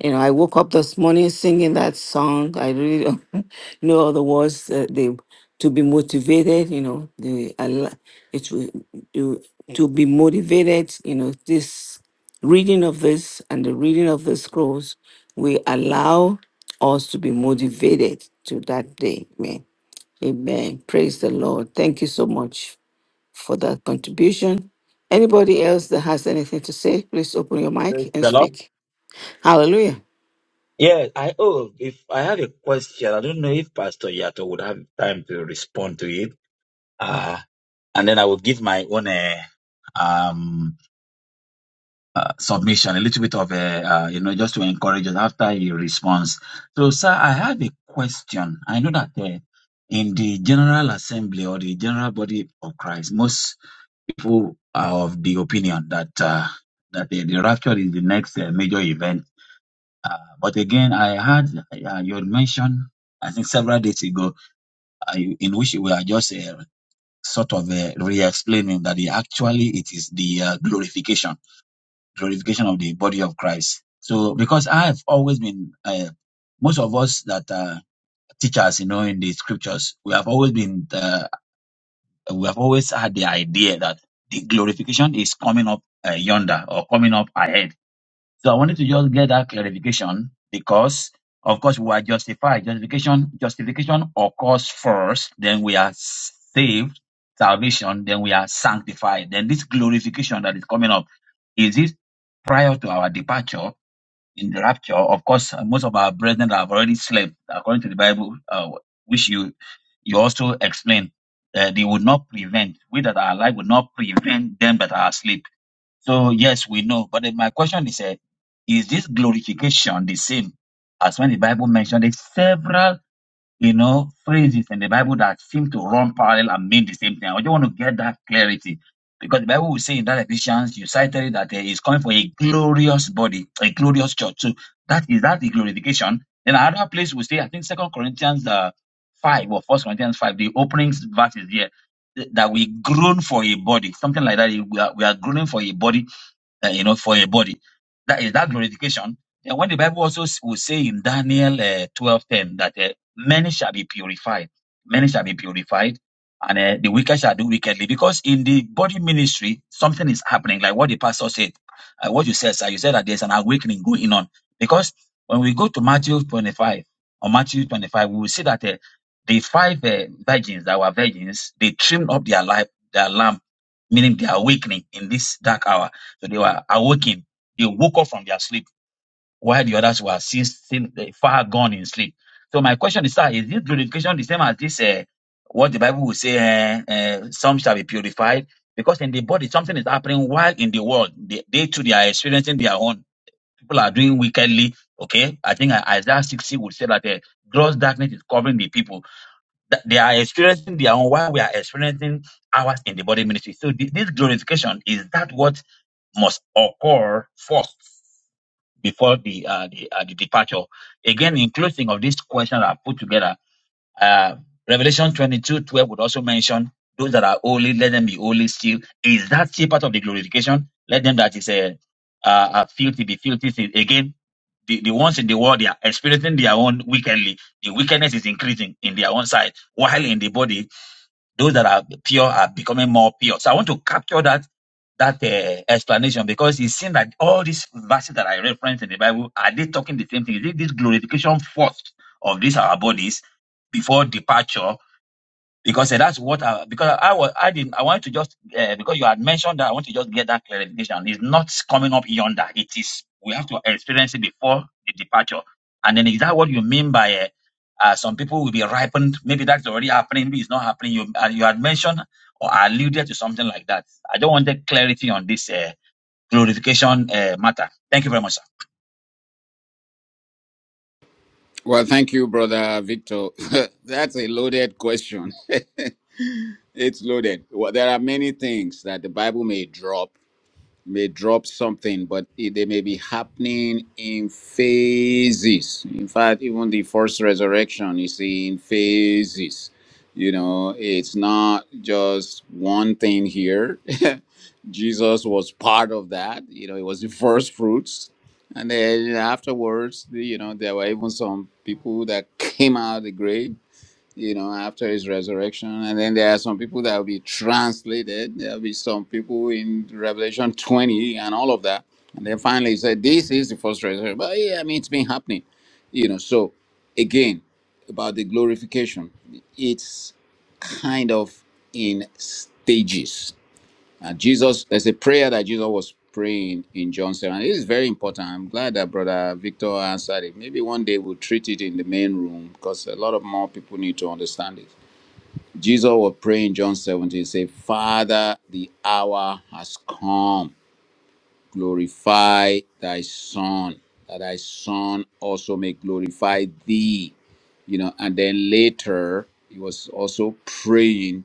you know i woke up this morning singing that song i really don't know the words uh, the to be motivated you know the I li- it will you to be motivated you know this reading of this and the reading of the scrolls will allow us to be motivated to that day. Amen. Amen. Praise the Lord. Thank you so much for that contribution. Anybody else that has anything to say, please open your mic and speak. Hallelujah.
Yeah, I oh, if I have a question, I don't know if Pastor Yato would have time to respond to it. Uh, and then I will give my own uh, um uh, submission, a little bit of a, uh, you know, just to encourage us after your response. So, sir, I have a question. I know that uh, in the General Assembly or the General Body of Christ, most people are of the opinion that uh, that the, the rapture is the next uh, major event. Uh, but again, I heard uh, you had mentioned, I think several days ago, uh, in which we are just uh, sort of uh, re-explaining that the, actually it is the uh, glorification glorification of the body of Christ. So, because I have always been, uh, most of us that are teachers, you know, in the scriptures, we have always been, uh, we have always had the idea that the glorification is coming up uh, yonder or coming up ahead. So, I wanted to just get that clarification because, of course, we are justified. Justification, justification occurs first, then we are saved, salvation, then we are sanctified. Then this glorification that is coming up is it prior to our departure in the rapture. Of course, uh, most of our brethren have already slept, according to the Bible, uh, which you you also explained. Uh, they would not prevent we that are alive would not prevent them that are asleep. So yes, we know. But then my question is, uh, is this glorification the same as when the Bible mentioned it several? you know, phrases in the Bible that seem to run parallel and mean the same thing. I just want to get that clarity because the Bible will say in that Ephesians, you cited it that uh, it's coming for a glorious body, a glorious church. So that is that the glorification. Then another place we say, I think Second Corinthians uh, five or First Corinthians five, the opening verse is here th- that we groan for a body, something like that. We are, we are groaning for a body uh, you know, for a body. That is that glorification. And when the Bible also s- will say in Daniel uh, twelve ten that uh, many shall be purified, many shall be purified, and uh, the wicked shall do wickedly. Because in the body ministry, something is happening, like what the pastor said, uh, what you said, sir. You said that there's an awakening going on. Because when we go to Matthew 25 or Matthew 25, we will see that uh, the five uh, virgins that were virgins, they trimmed up their life, their lamp, meaning their awakening in this dark hour so they were awakened. They woke up from their sleep while the others were still, still uh, far gone in sleep. So my question is, sir, is this glorification the same as this, uh, what the Bible will say, uh, uh, some shall be purified? Because in the body, something is happening while in the world, they, they too, they are experiencing their own. People are doing wickedly, okay? I think uh, Isaiah 60 would say that uh, gross darkness is covering the people. That they are experiencing their own while we are experiencing ours in the body ministry. So thi- this glorification, is that what must occur first before the uh, the, uh, the departure. Again, in closing of this question I put together, uh, Revelation 22 12 would also mention those that are holy, let them be holy still. Is that still part of the glorification? Let them that is a uh, uh, filthy be filthy. still. Again, the, the ones in the world they are experiencing their own wickedly. The wickedness is increasing in their own side, while in the body those that are pure are becoming more pure. So I want to capture that that uh, explanation because it seems that all these verses that I reference in the Bible are they talking the same thing? Is it this glorification first of these our bodies before departure because eh, that's what I, because I was I didn't I wanted to just uh, because you had mentioned that I want to just get that clarification. It's not coming up yonder. It is we have to experience it before the departure. And then is that what you mean by uh, uh, some people will be ripened? Maybe that's already happening. Maybe it's not happening. You uh, you had mentioned or alluded to something like that. I don't want the clarity on this uh, glorification uh, matter. Thank you very much, sir.
Well, thank you, brother Victor. That's a loaded question. it's loaded. Well, there are many things that the Bible may drop may drop something, but it, they may be happening in phases. In fact, even the first resurrection is in phases. You know, it's not just one thing here. Jesus was part of that. You know, it was the first fruits. And then afterwards, the- you know, there were even some people that came out of the grave you know, after his resurrection. And then there are some people that will be translated. There'll be some people in Revelation 20 and all of that. And then finally he said, This is the first resurrection. But yeah, I mean, it's been happening, you know. So again, about the glorification, it's kind of in stages and Jesus, there's a prayer that Jesus was praying in John 7. It is very important. I'm glad that Brother Victor answered it. Maybe one day we'll treat it in the main room because a lot of more people need to understand it. Jesus was praying in John 17, say, Father, the hour has come glorify thy son that thy son also may glorify thee you know and then later he was also praying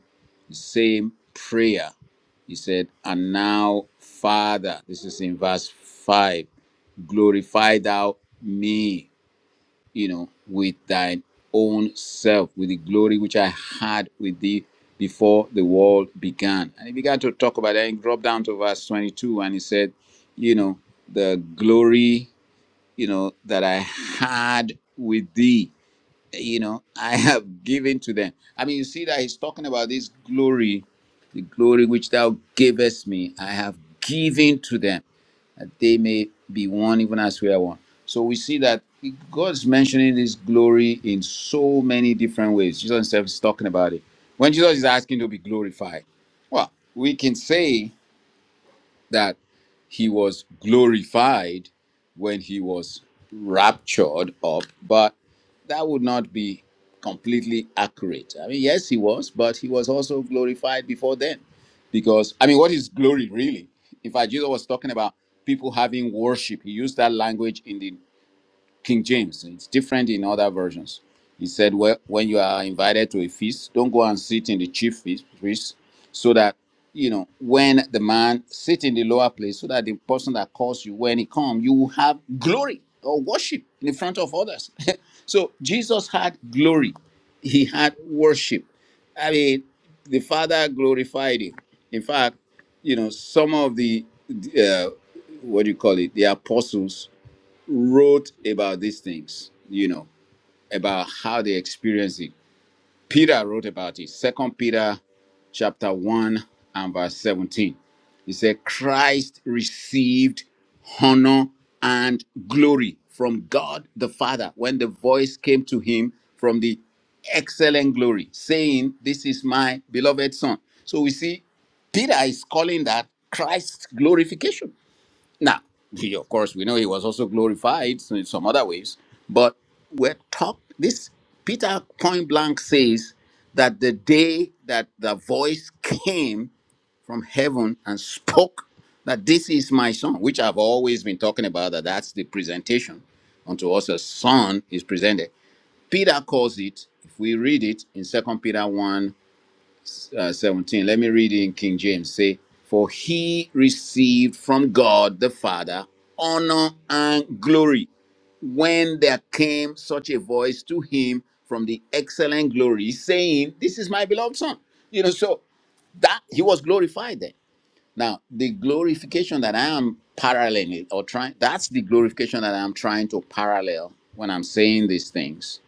the same prayer he said and now father this is in verse 5 glorify thou me you know, with thine own self, with the glory which I had with thee before the world began. And he began to talk about that. He dropped down to verse 22 and he said, you know, the glory, you know, that I had with thee, you know, I have given to them. I mean, you see that he's talking about this glory, the glory which thou gavest me, I have given to them that they may be one even as we are one. So we see that God's mentioning this glory in so many different ways. Jesus himself is talking about it. When Jesus is asking to be glorified, well, we can say that he was glorified when he was raptured up, but that would not be completely accurate. I mean, yes, he was, but he was also glorified before then. Because, I mean, what is glory really? In fact, Jesus was talking about people having worship. He used that language in the. King James. It's different in other versions. He said, well, when you are invited to a feast, don't go and sit in the chief feast, feast, so that, you know, when the man sit in the lower place, so that the person that calls you, when he come, you will have glory or worship in front of others. so Jesus had glory. He had worship. I mean, the Father glorified him. In fact, you know, some of the, the, uh, what do you call it, the apostles, wrote about these things, you know, about how they experienced it. Peter wrote about it. Second Peter chapter 1 and verse 17. He said, Christ received honor and glory from God the Father when the voice came to him from the excellent glory, saying, This is my beloved Son. So we see Peter is calling that Christ's glorification now, he, of course, we know he was also glorified in some other ways, but we're talk. This Peter point blank says that the day that the voice came from heaven and spoke that this is my son, which I've always been talking about, that that's the presentation unto us a son is presented. Peter calls it, if we read it in Second Peter 1 uh, 17. Let me read it in King James. Say, For he received from God the Father honor and glory when there came such a voice to him from the excellent glory, saying, This is my beloved Son. You know, so that he was glorified then. Now, the glorification that I am paralleling or trying, that's the glorification that I'm trying to parallel when I'm saying these things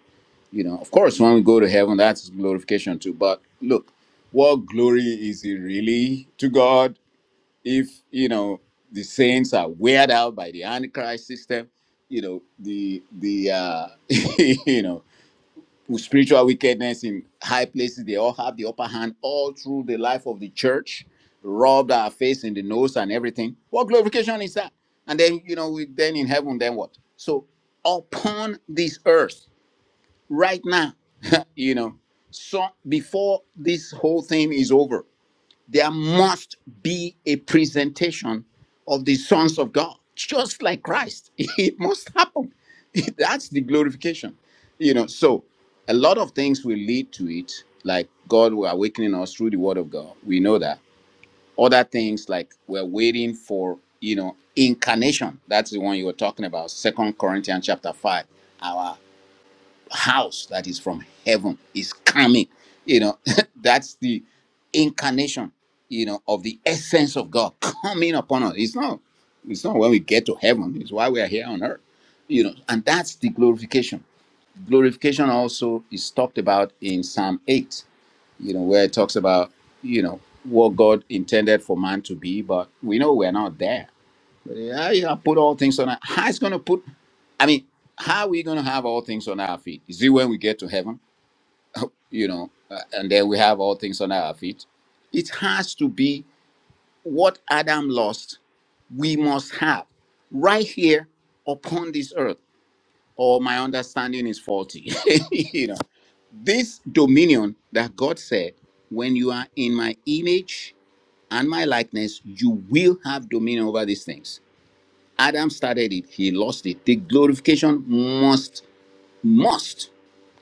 you know, of course, when we go to heaven, that's glorification too. But look, what glory is it really to God if, you know, the saints are weird out by the Antichrist system? You know, the, the, uh, you know, spiritual wickedness in high places, they all have the upper hand all through the life of the church, rubbed our face in the nose and everything. What glorification is that? And then, you know, we, then in heaven, then what? So upon this earth, right now, you know, so before this whole thing is over, there must be a presentation of the sons of God, just like Christ. It must happen. That's the glorification, you know. So, a lot of things will lead to it, like God will awakening us through the Word of God. We know that. Other things like we're waiting for, you know, incarnation. That's the one you were talking about, Second Corinthians chapter five house that is from heaven is coming you know that's the incarnation you know of the essence of god coming upon us it's not it's not when we get to heaven it's why we are here on earth you know and that's the glorification glorification also is talked about in psalm 8 you know where it talks about you know what god intended for man to be but we know we're not there yeah, you gonna put all things on. Our, how is gonna put? I mean, how are we gonna have all things on our feet? Is it when we get to heaven, you know, uh, and then we have all things on our feet? It has to be what Adam lost. We must have right here upon this earth. Or my understanding is faulty. you know, this dominion that God said, when you are in my image and my likeness, you will have dominion over these things Adam started it, he lost it. The glorification must, must,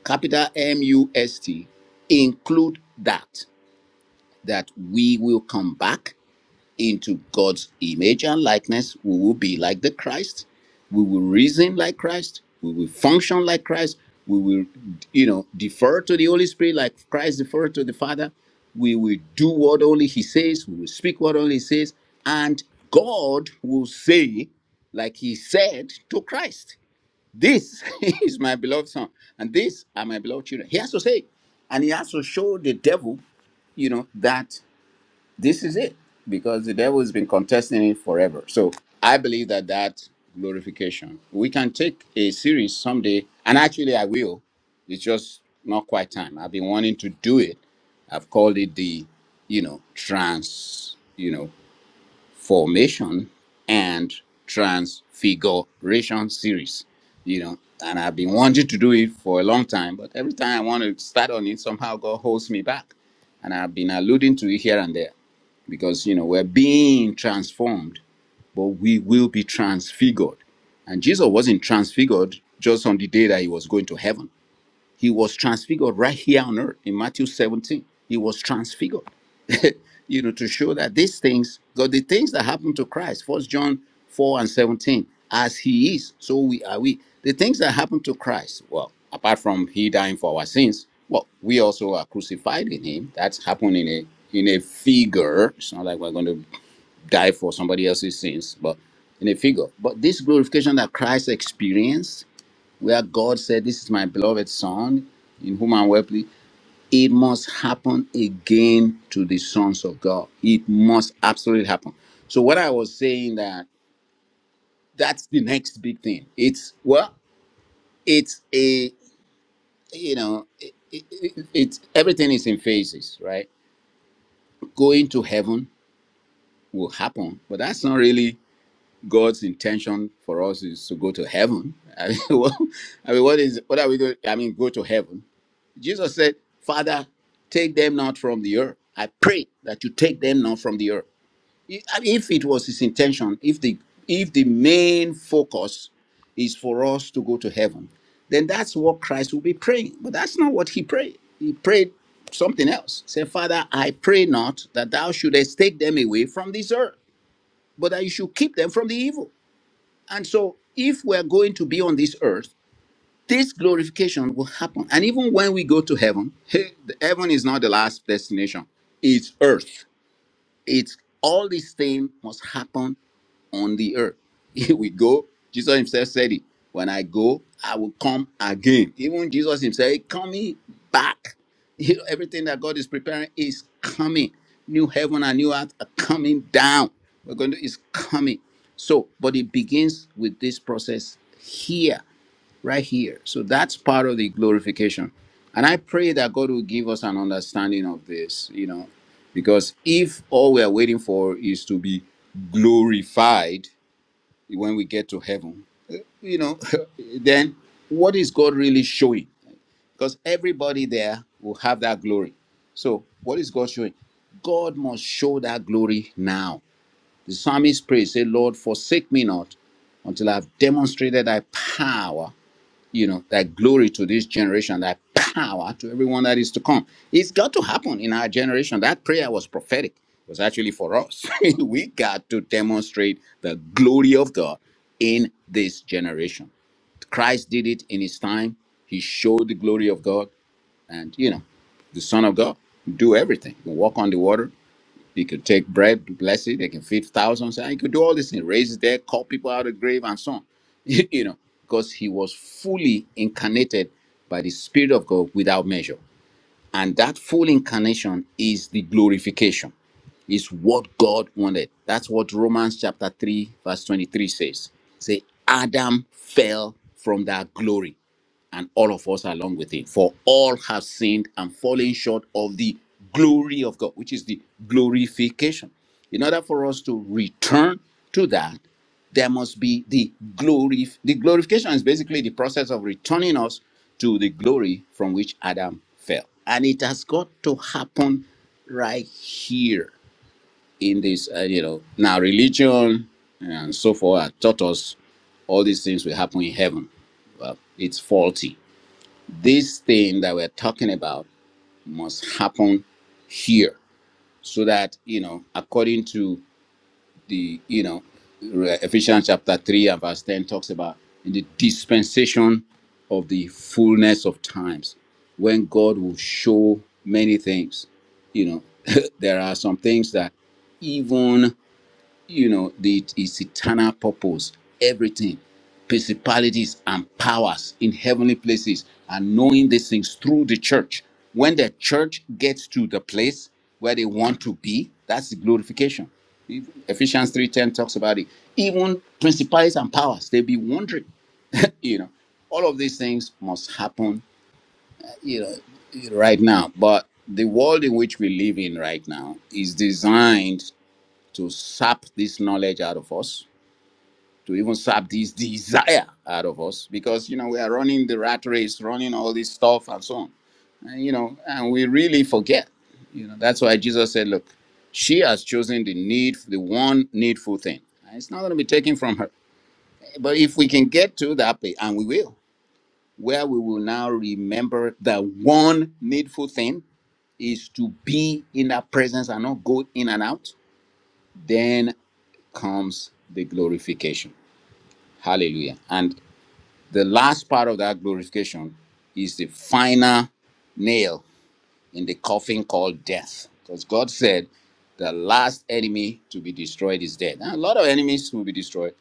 capital M U S T, include that, that we will come back into God's image and likeness, we will be like the Christ. We will reason like Christ. We will function like Christ. We will, you know, defer to the Holy Spirit like Christ deferred to the Father. We will do what only He says. We will speak what only He says. And God will say, like He said to Christ, This is my beloved Son, and these are my beloved children. He has to say, and He has to show the devil, you know, that this is it because the devil has been contesting it forever so i believe that that glorification we can take a series someday and actually i will it's just not quite time i've been wanting to do it i've called it the you know trans you know formation and transfiguration series you know and i've been wanting to do it for a long time but every time i want to start on it somehow god holds me back and i've been alluding to it here and there because you know we're being transformed but we will be transfigured and jesus wasn't transfigured just on the day that he was going to heaven he was transfigured right here on earth in Matthew 17. He was transfigured, you know, to show that these things, God, the things that happened to Christ, First John 4 and 17, as he is, so we are we. The things that happened to Christ, well, apart from he dying for our sins, well, we also are crucified in him. That's happened in a in a figure. It's not like we're going to die for somebody else's sins, but in a figure. But this glorification that Christ experienced where God said, This is my beloved Son, in whom I'm well pleased. It must happen again to the sons of God. It must absolutely happen. So what I was saying that that's the next big thing. It's well, it's a you know, it, it, it- it's everything is in phases, right? Going to heaven will happen, but that's not really. God's intention for us is to go to heaven. I mean, what, I mean, what is what are we doing? I mean, go to heaven. Jesus said, "Father, take them not from the earth. I pray that you take them not from the earth." I- I mean, If it was his intention, if the if the main focus is for us to go to heaven, then that's what Christ will be praying. But that's not what he prayed. He prayed something else. Say, Father, I pray not that thou shouldest take them away from this earth, but that you should keep them from the evil. And so, if we're going to be on this earth, this glorification will happen. And even when we go to heaven, heaven is not the last destination, it's earth. It's all these things must happen on the earth. If we go, Jesus himself said it. When I go, I will come again. Even Jesus himself is coming back. You know, everything that God is preparing is coming. New heaven and new earth are coming down. We're going to is coming. So, but it begins with this process here right here. So that's part of the glorification. And I pray that God will give us an understanding of this, you know, because if all we are waiting for is to be glorified when we get to heaven, eh, you know, then what is God really showing? Because everybody there will have that glory. So what is God showing? God must show that glory now. The psalmist prays, say, Lord, forsake me not until I've demonstrated thy power you know, that glory to this generation, that power to everyone that is to come. It's got to happen in our generation. That prayer was prophetic. It was actually for us. we got to demonstrate the glory of God in this generation. Christ did it in his time. He showed the glory of God and, you know, the Son of God do everything. He Walk on the water. He could take bread, bless it. They can feed thousands. And he could do all these things, raise their call people out of the grave and so on. you know, because he was fully incarnated by the Spirit of God without measure. And that full incarnation is the glorification, is what God wanted. That's what Romans chapter 3, verse 23 says. Say, Adam fell from that glory, and all of us along with him. For all have sinned and fallen short of the glory of God, which is the glorification. In order for us to return to that, there must be the glory. The glorification is basically the process of returning us to the glory from which Adam fell, and it has got to happen right here in this. Uh, you know, now religion and so forth have taught us all these things will happen in heaven. Well, it's faulty. This thing that we're talking about must happen here, so that you know, according to the you know Ephesians chapter 3 and verse 10 talks about in the dispensation of the fullness of times when God will show many things you know there are some things that even you know the its eternal purpose everything principalities and powers in heavenly places and knowing these things through the church when the church gets to the place where they want to be that's the glorification ephesians 3.10 talks about it even principalities and powers they be wondering you know all of these things must happen you know right now but the world in which we live in right now is designed to sap this knowledge out of us to even sap this desire out of us because you know we are running the rat race running all this stuff and so on and you know and we really forget you know that's why jesus said look she has chosen the need the one needful thing and it's not going to be taken from her but if we can get to that place and we will where we will now remember that one needful thing is to be in that presence and not go in and out then comes the glorification hallelujah and The last part of that glorification is the final nail in the coffin called death. Because God said the last enemy to be destroyed is death. And a lot of enemies will be destroyed.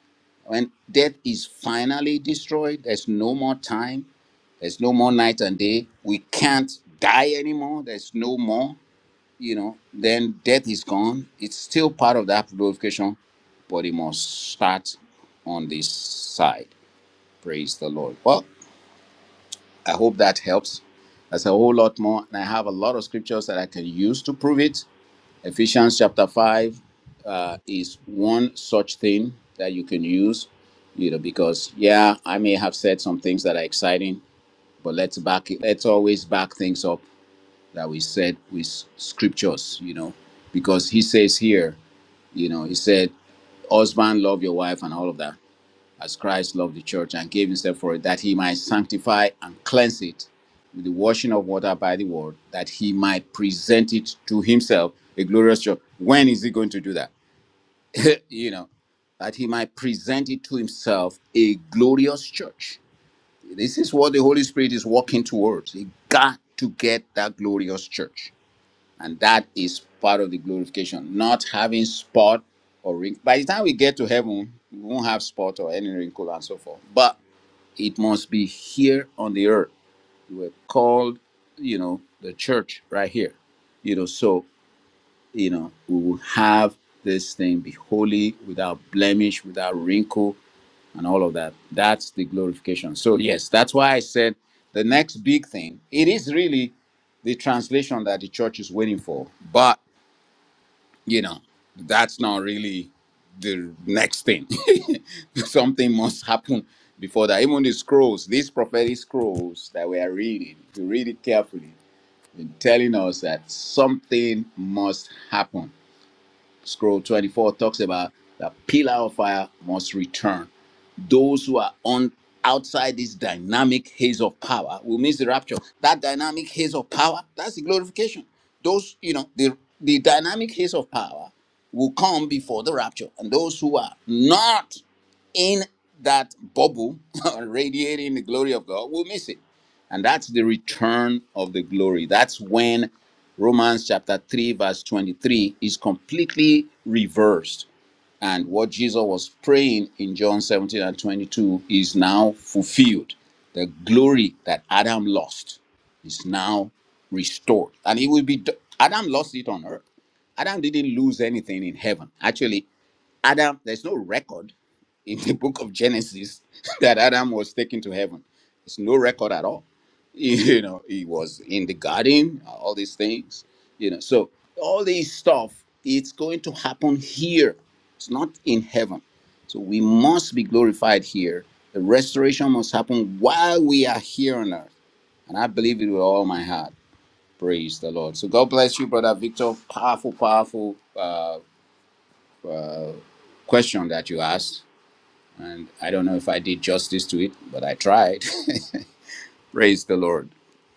When death is finally destroyed, there's no more time, there's no more night and day. We can't die anymore, there's no more, you know, then death is gone. It's still part of that glorification, but it must start on this side. Praise the Lord. Well, I hope that helps. That's a whole lot more. And I have a lot of scriptures that I can use to prove it. Ephesians chapter 5 uh, is one such thing that you can use, you know, because, yeah, I may have said some things that are exciting, but let's back it. Let's always back things up that we said with scriptures, you know, because he says here, you know, he said, husband, love your wife and all of that as Christ loved the church and gave himself for it, that he might sanctify and cleanse it with the washing of water by the word, that he might present it to himself a glorious church. When is he going to do that? you know, that he might present it to himself a glorious church. This is what the Holy Spirit is working towards. He got to get that glorious church. And that is part of the glorification, not having spot or wrinkle. By the time we get to heaven, we won't have spot or any wrinkle and so forth. But it must be here on the earth. we were called, you know, the church right here. You know, so, you know, we will have this thing be holy, without blemish, without wrinkle, and all of that. That's the glorification. So, yes, that's why I said the next big thing, it is really the translation that the church is waiting for. but you know that's not really the next thing something must happen before that even the scrolls these prophetic scrolls that we are reading if you read it carefully telling us that something must happen scroll 24 talks about the pillar of fire must return those who are on outside this dynamic haze of power will miss the rapture. That dynamic haze of power, that's the glorification. Those, you know, the the dynamic haze of power will come before the rapture. And those who are not in that bubble radiating the glory of God will miss it. And that's the return of the glory. That's when Romans chapter 3, verse 23 is completely reversed and what Jesus was praying in John 17 and 22 is now fulfilled. The glory that Adam lost is now restored. And it will be, Adam lost it on earth. Adam didn't lose anything in heaven. Actually, Adam, there's no record in the book of Genesis that Adam was taken to heaven. There's no record at all. You know, he was in the garden, all these things, you know. So, all this stuff, it's going to happen here. It's not in heaven. So, we must be glorified here. The restoration must happen while we are here on earth. And I believe it with all my heart. Praise the Lord. So, God bless you, Brother Victor. Powerful, powerful uh, question that you asked And I don't know if I did justice to it, but I tried. Praise the Lord.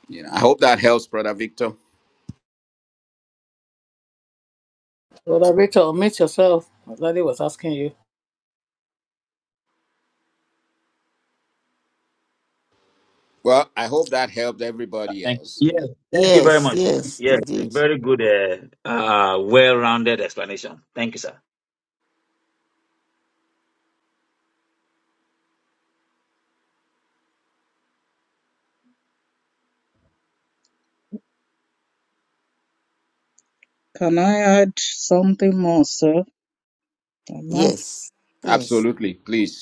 You know, I hope that helps, Brother Victor.
Rachel, mute yourself. Daddy was asking you.
Well, I hope that helped
Yeah,
everybody
Thank
else.
Yes,
Yeah.
thank you very
Yes,
much. sir.
yes,
Yes, a
indeed.
very good, uh, uh, well-rounded explanation. Thank you, sir.
Can I add something more, sir? Amen.
Yes, yes.
Absolutely. Please.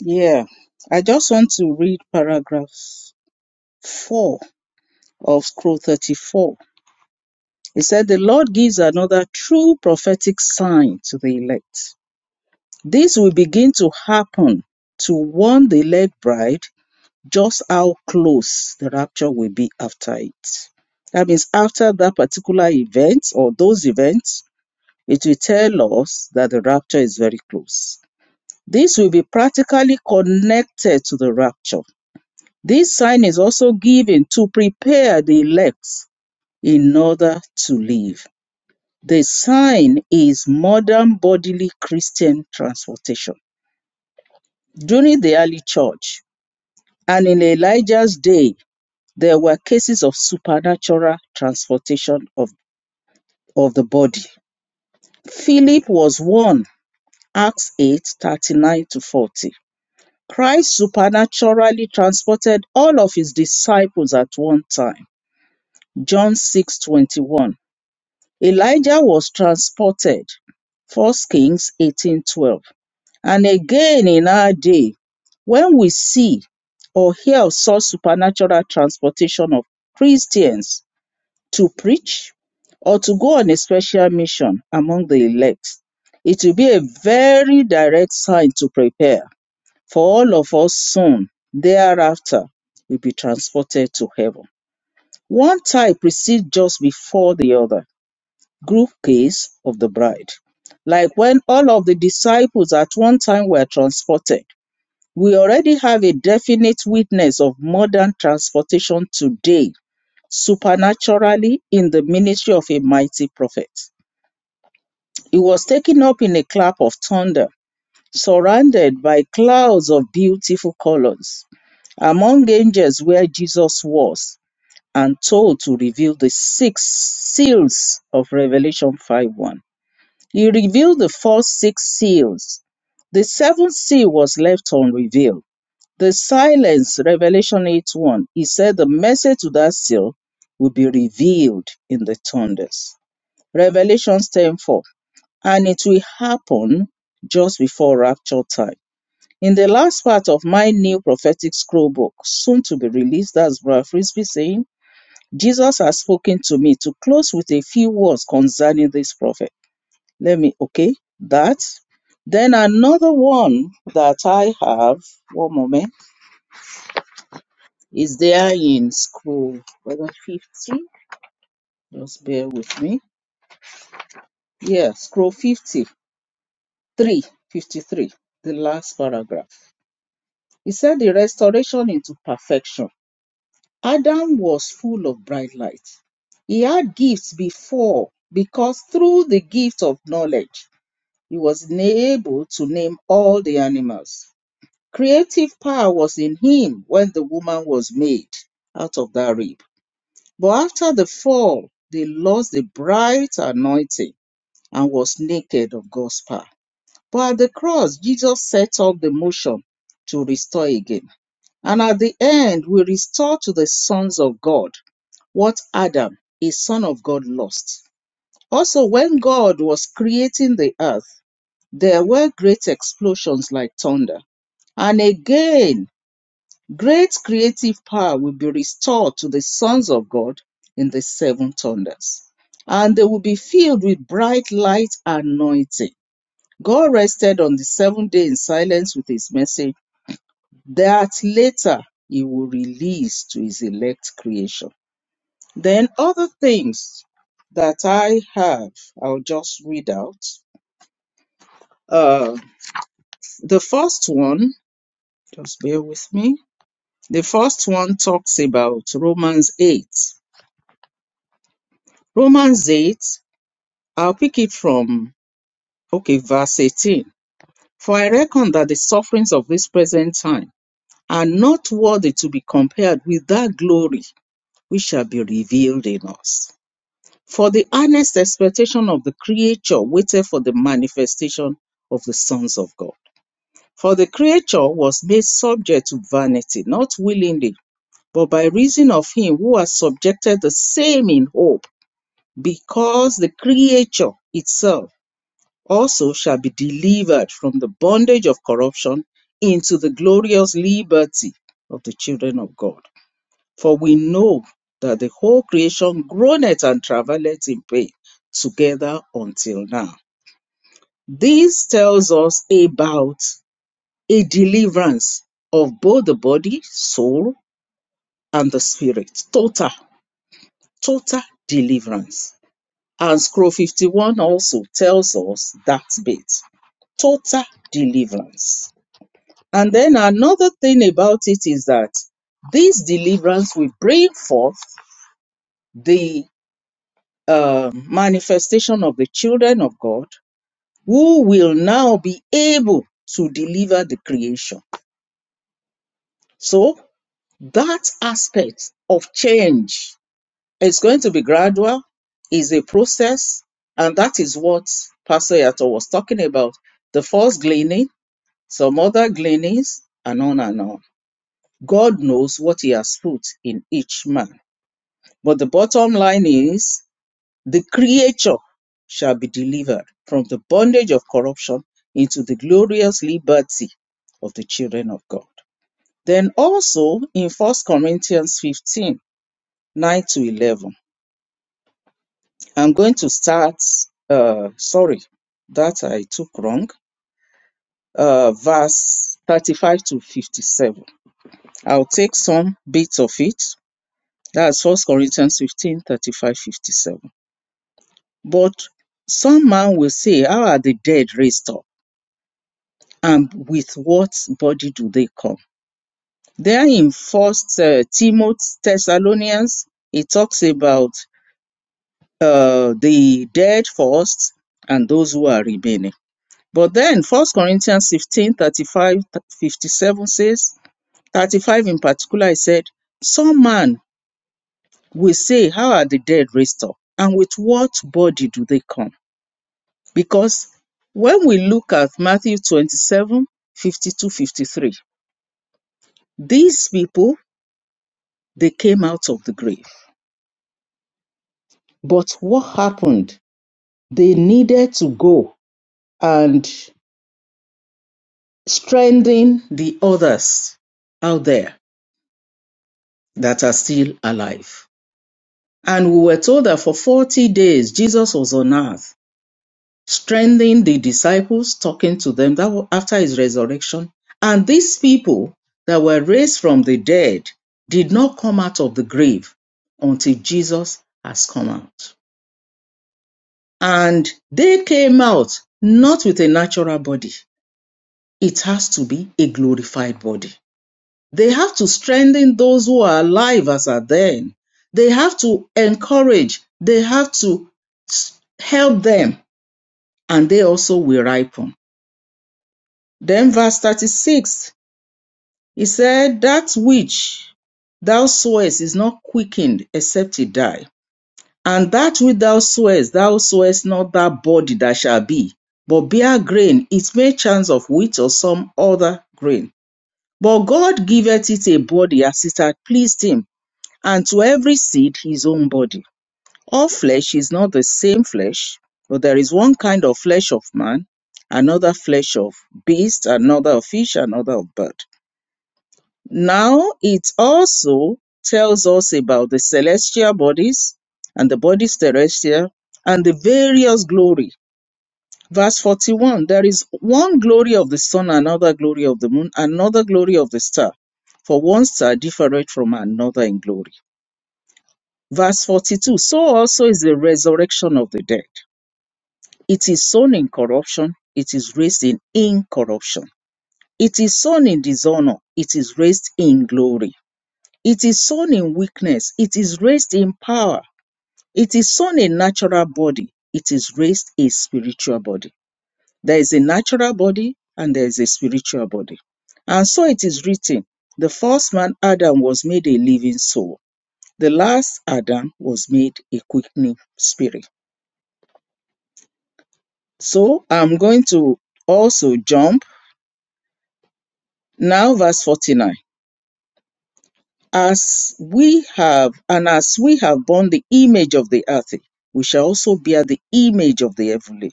Yeah. I just want to read paragraph 4 of scroll 34. It said, The Lord gives another true prophetic sign to the elect. This will begin to happen to warn the elect bride just how close the rapture will be after it. That means after that particular event or those events, it will tell us that the rapture is very close. This will be practically connected to the rapture. This sign is also given to prepare the elect in order to live. The sign is modern bodily Christian transportation. During the early church and in Elijah's day, there were cases of supernatural transportation of, of the body. Philip was one, Acts 8 39 to 40. Christ supernaturally transported all of his disciples at one time, John 6 21. Elijah was transported, First Kings eighteen twelve. And again in our day, when we see or hear of such supernatural transportation of Christians to preach or to go on a special mission among the elect, it will be a very direct sign to prepare for all of us soon thereafter will be transported to heaven. One type precedes just before the other, group case of the bride. Like when all of the disciples at one time were transported we already have a definite witness of modern transportation today, supernaturally in the ministry of a mighty prophet. He was taken up in a clap of thunder, surrounded by clouds of beautiful colors among angels where Jesus was and told to reveal the six seals of Revelation five one, He revealed the first six seals. The seventh seal was left unrevealed the silence, Revelation 8 1, he said the message to that seal will be revealed in the thunders. Revelation 10 4, and it will happen just before rapture time. In the last part of my new prophetic scroll book, soon to be released, that's Brother Frisbee saying, Jesus has spoken to me to close with a few words concerning this prophet. Let me, okay, that. Then another one that I have, one moment Is there in scroll whether 50. Just bear with me. Yeah, scroll 53, 53. the last paragraph. He said the restoration into perfection. Adam was full of bright light. He had gifts before because through the gift of knowledge, he was able to name all the animals. Creative power was in him when the woman was made out of that rib. But after the fall, they lost the bright anointing and was naked of God's power. But at the cross, Jesus set up the motion to restore again. And at the end, we restore to the sons of God what Adam, a son of God, lost. Also, when God was creating the earth, there were great explosions like thunder. And again, Great creative power will be restored to the sons of God in the seven thunders, and they will be filled with bright light anointing. God rested on the seventh day in silence with his message that later he will release to his elect creation. Then, other things that I have, I'll just read out. Uh, the first one, just bear with me. The first one talks about Romans 8 Romans 8, I'll pick it from, okay, verse 18. For I reckon that the sufferings of this present time are not worthy to be compared with that glory which shall be revealed in us. For the earnest expectation of the creature waited for the manifestation of the sons of God. For the creature was made subject to vanity, not willingly, but by reason of him who has subjected the same in hope, because the creature itself also shall be delivered from the bondage of corruption into the glorious liberty of the children of God. For we know that the whole creation groaneth and travaileth in pain together until now. This tells us about a deliverance of both the body, soul, and the spirit. Total, total deliverance. And scroll 51 also tells us that bit total deliverance. And then another thing about it is that this deliverance will bring forth the uh, manifestation of the children of God who will now be able to deliver the creation. So that aspect of change is going to be gradual, is a process, and that is what Pastor Yato was talking about. The first gleaning, some other gleanings, and on and on. God knows what He has put in each man But the bottom line is the creature shall be delivered from the bondage of corruption into the glorious liberty of the children of God. Then also in First Corinthians 15 9 to 11, I'm going to start, uh, sorry, that I took wrong, uh, verse 35 to 57. I'll take some bits of it. That's First Corinthians 15 35 57. But some man will say, How are the dead raised up? And with what body do they come? There in First uh, Timothy Thessalonians, it talks about uh, the dead first and those who are remaining. But then First Corinthians 15 35 57 says, 35 in particular, it said, Some man will say, How are the dead raised up? And with what body do they come? Because when we look at Matthew 27 52 53, these people, they came out of the grave. But what happened? They needed to go and strengthen the others out there that are still alive. And we were told that for 40 days Jesus was on earth strengthening the disciples, talking to them that after his resurrection. And these people that were raised from the dead did not come out of the grave until Jesus has come out. And they came out not with a natural body. It has to be a glorified body. They have to strengthen those who are alive as at then. They have to encourage. They have to help them. And they also will ripen. Then verse 36 He said, That which thou swearest is not quickened except it die. And that which thou swearest, thou swearest not that body that shall be, but bare grain, it may chance of wheat or some other grain. But God giveth it a body as it hath pleased him, and to every seed his own body. All flesh is not the same flesh, but there is one kind of flesh of man, another flesh of beast, another of fish, another of bird. Now it also tells us about the celestial bodies and the bodies terrestrial and the various glory. Verse 41 There is one glory of the sun, another glory of the moon, another glory of the star, for one star differeth from another in glory. Verse 42 So also is the resurrection of the dead. It is sown in corruption, it is raised in incorruption. It is sown in dishonor, it is raised in glory. It is sown in weakness. It is raised in power. It is sown a natural body. It is raised a spiritual body. There is a natural body and there is a spiritual body. And so it is written the first man, Adam, was made a living soul. The last Adam was made a quickening spirit. So I'm going to also jump now, verse 49. As we have, and as we have borne the image of the earth, we shall also bear the image of the heavenly.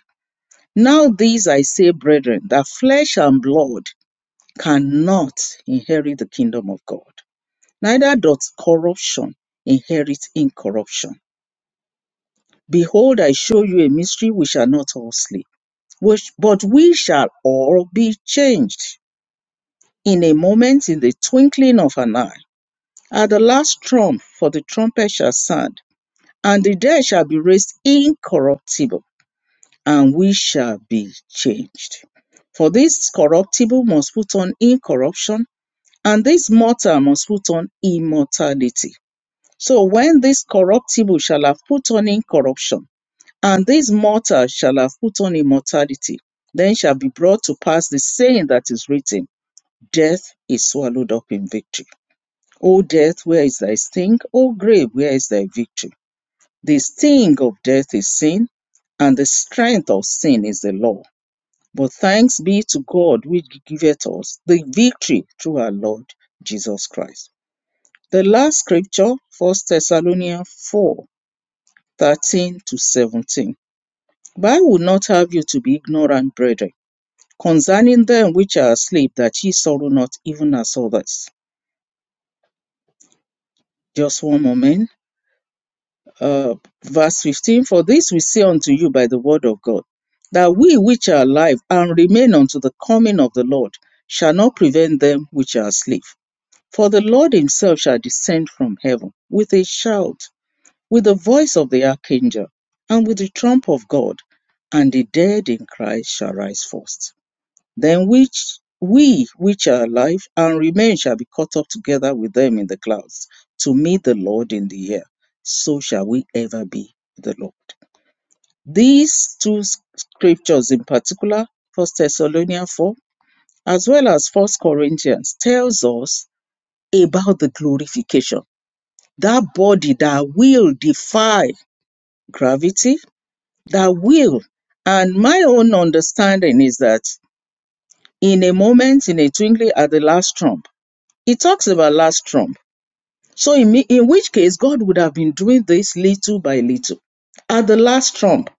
Now, this I say, brethren, that flesh and blood cannot inherit the kingdom of God, neither doth corruption inherit incorruption. Behold, I show you a mystery, we shall not all sleep, which, but we shall all be changed in a moment, in the twinkling of an eye, at the last trump, for the trumpet shall sound And the dead shall be raised incorruptible, and we shall be changed. For this corruptible must put on incorruption, and this mortal must put on immortality. So when this corruptible shall have put on incorruption, and this mortal shall have put on immortality, then shall be brought to pass the saying that is written Death is swallowed up in victory. O death, where is thy sting? O grave, where is thy victory? The sting of death is sin, and the strength of sin is the law. But thanks be to God which giveth us the victory through our Lord Jesus Christ. The last scripture, First Thessalonians 4 13 to 17. But I would not have you to be ignorant, brethren, concerning them which are asleep, that ye sorrow not even as others. Just one moment. uh, verse 15 for this we say unto you by the word of god that we which are alive and remain unto the coming of the lord shall not prevent them which are asleep for the lord himself shall descend from heaven with a shout with the voice of the archangel and with the trump of god and the dead in christ shall rise first then which we which are alive and remain shall be caught up together with them in the clouds to meet the Lord in the air. So shall we ever be with the Lord. These two scriptures in particular, First Thessalonians 4, as well as First Corinthians, tells us about the glorification. That body that will defy gravity, that will. And my own understanding is that in a moment, in a twinkling at the last trump, He talks about last trump. So in, in which case, God would have been doing this little by little. At the last trump,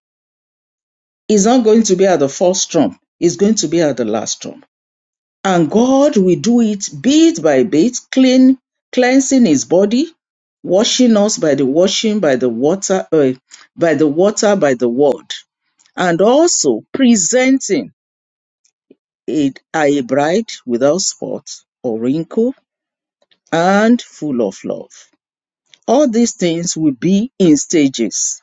it's not going to be at the first trump. It's going to be at the last trump. And God will do it bit by bit, clean, cleansing his body, washing us by the washing, by the water, uh, by the water, by the word, and also presenting a, a bride without spot or wrinkle and full of love. All these things will be in stages.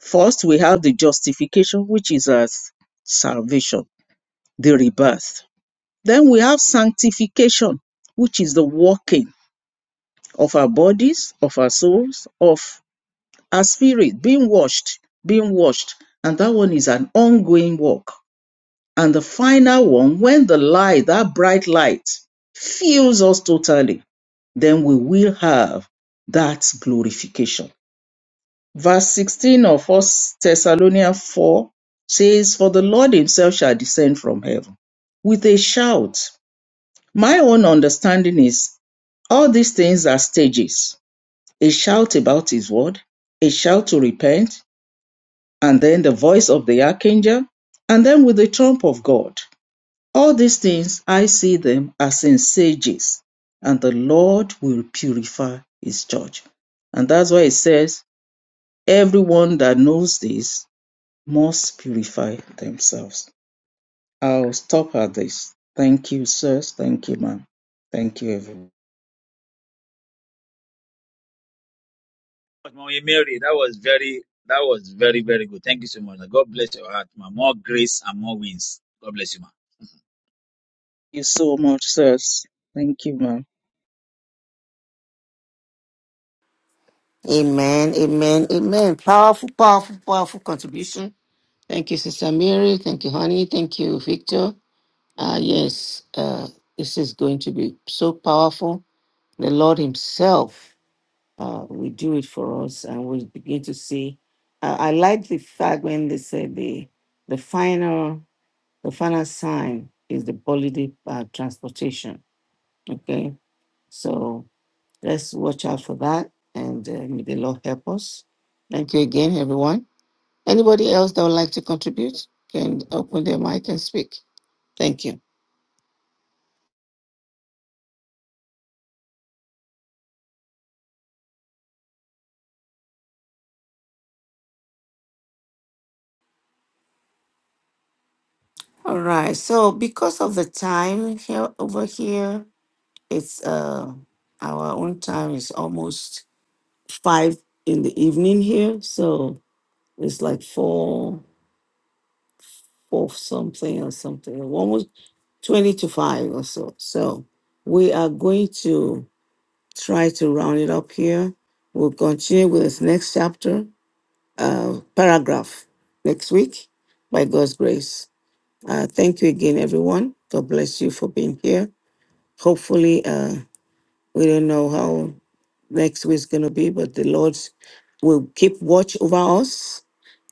First, we have the justification, which is our salvation, the rebirth. Then we have sanctification, which is the walking of our bodies, of our souls, of our spirit, being washed, being washed. And that one is an ongoing walk. And the final one, when the light, that bright light, fills us totally, then we will have that glorification. Verse 16 of First Thessalonians 4 says, For the Lord himself shall descend from heaven with a shout. My own understanding is all these things are stages a shout about his word, a shout to repent, and then the voice of the archangel, and then with the trump of God. All these things, I see them as in stages, and the Lord will purify his church. And that's why it says, Everyone that knows this must purify themselves. I'll stop at this. Thank you, sirs. Thank you, ma'am. Thank you, everyone.
much, Mama Mary. That was very, that was very, very good. Thank you so much. Like, God bless your heart, ma. More grace and more wins. God bless you, ma.
Thank you so much, sirs. Thank you, ma'am.
Amen, amen, amen. Powerful, powerful, powerful contribution. Thank you, Sister Mary. Thank you, honey. Thank you, Victor. Ah, yes, uh, this is going to be so powerful. The Lord Himself uh, will do it for us, and we'll begin to see. Uh, I like the fact when they said the the final the final sign is the bodily uh, transportation. Okay, so let's watch out for that, and uh, may the Lord help us. Thank you again, everyone. Anybody else that would like to contribute can open their mic and speak. Thank you. All right. So because of the time here over here, it's uh our own time is almost five in the evening here. So it's like four four something or something. Almost twenty to five or so. So we are going to try to round it up here. We'll continue with this next chapter, uh paragraph next week by God's grace. Uh thank you again everyone. God bless you for being here. hopefully uh we don't know how next week's gonna be but the lord will keep watch over us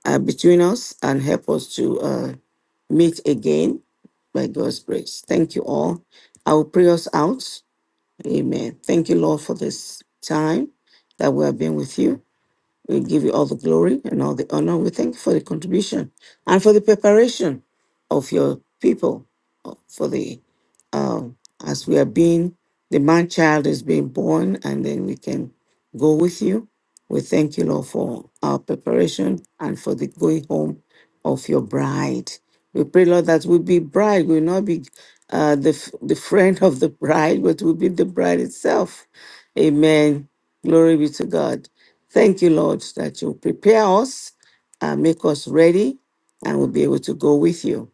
uh, between us and help us to uh meet again by god's grace thank you all i will pray us out amen thank you lord for this time that we have been with you we give you all the glory and all the honor. We thank you for the contribution and for the preparation of your people uh, for the um, as we are being the man child is being born, and then we can go with you. We thank you, Lord, for our preparation and for the going home of your bride. We pray, Lord, that we be bride. We will not be uh, the f- the friend of the bride, but we'll be the bride itself. Amen. Glory be to God. Thank you, Lord, that you prepare us and make us ready and we'll be able to go with you.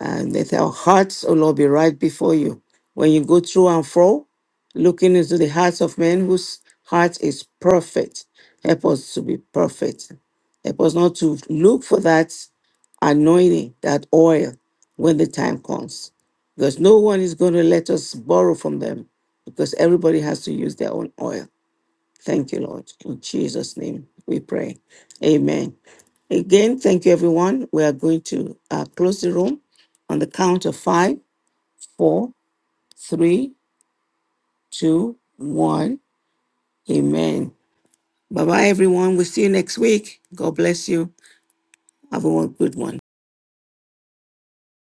And let our hearts, O Lord, be right before you. When you go through and fro, looking into the hearts of men whose heart is perfect, help us to be perfect. Help us not to look for that anointing, that oil, when the time comes. Because no one is going to let us borrow from them because everybody has to use their own oil. Thank you, Lord. In Jesus' name we pray. Amen. Again, thank you, everyone. We are going to uh, close the room on the count of five, four, three, two, one. Amen. Bye bye, everyone. We'll see you next week. God bless you. Have a good one.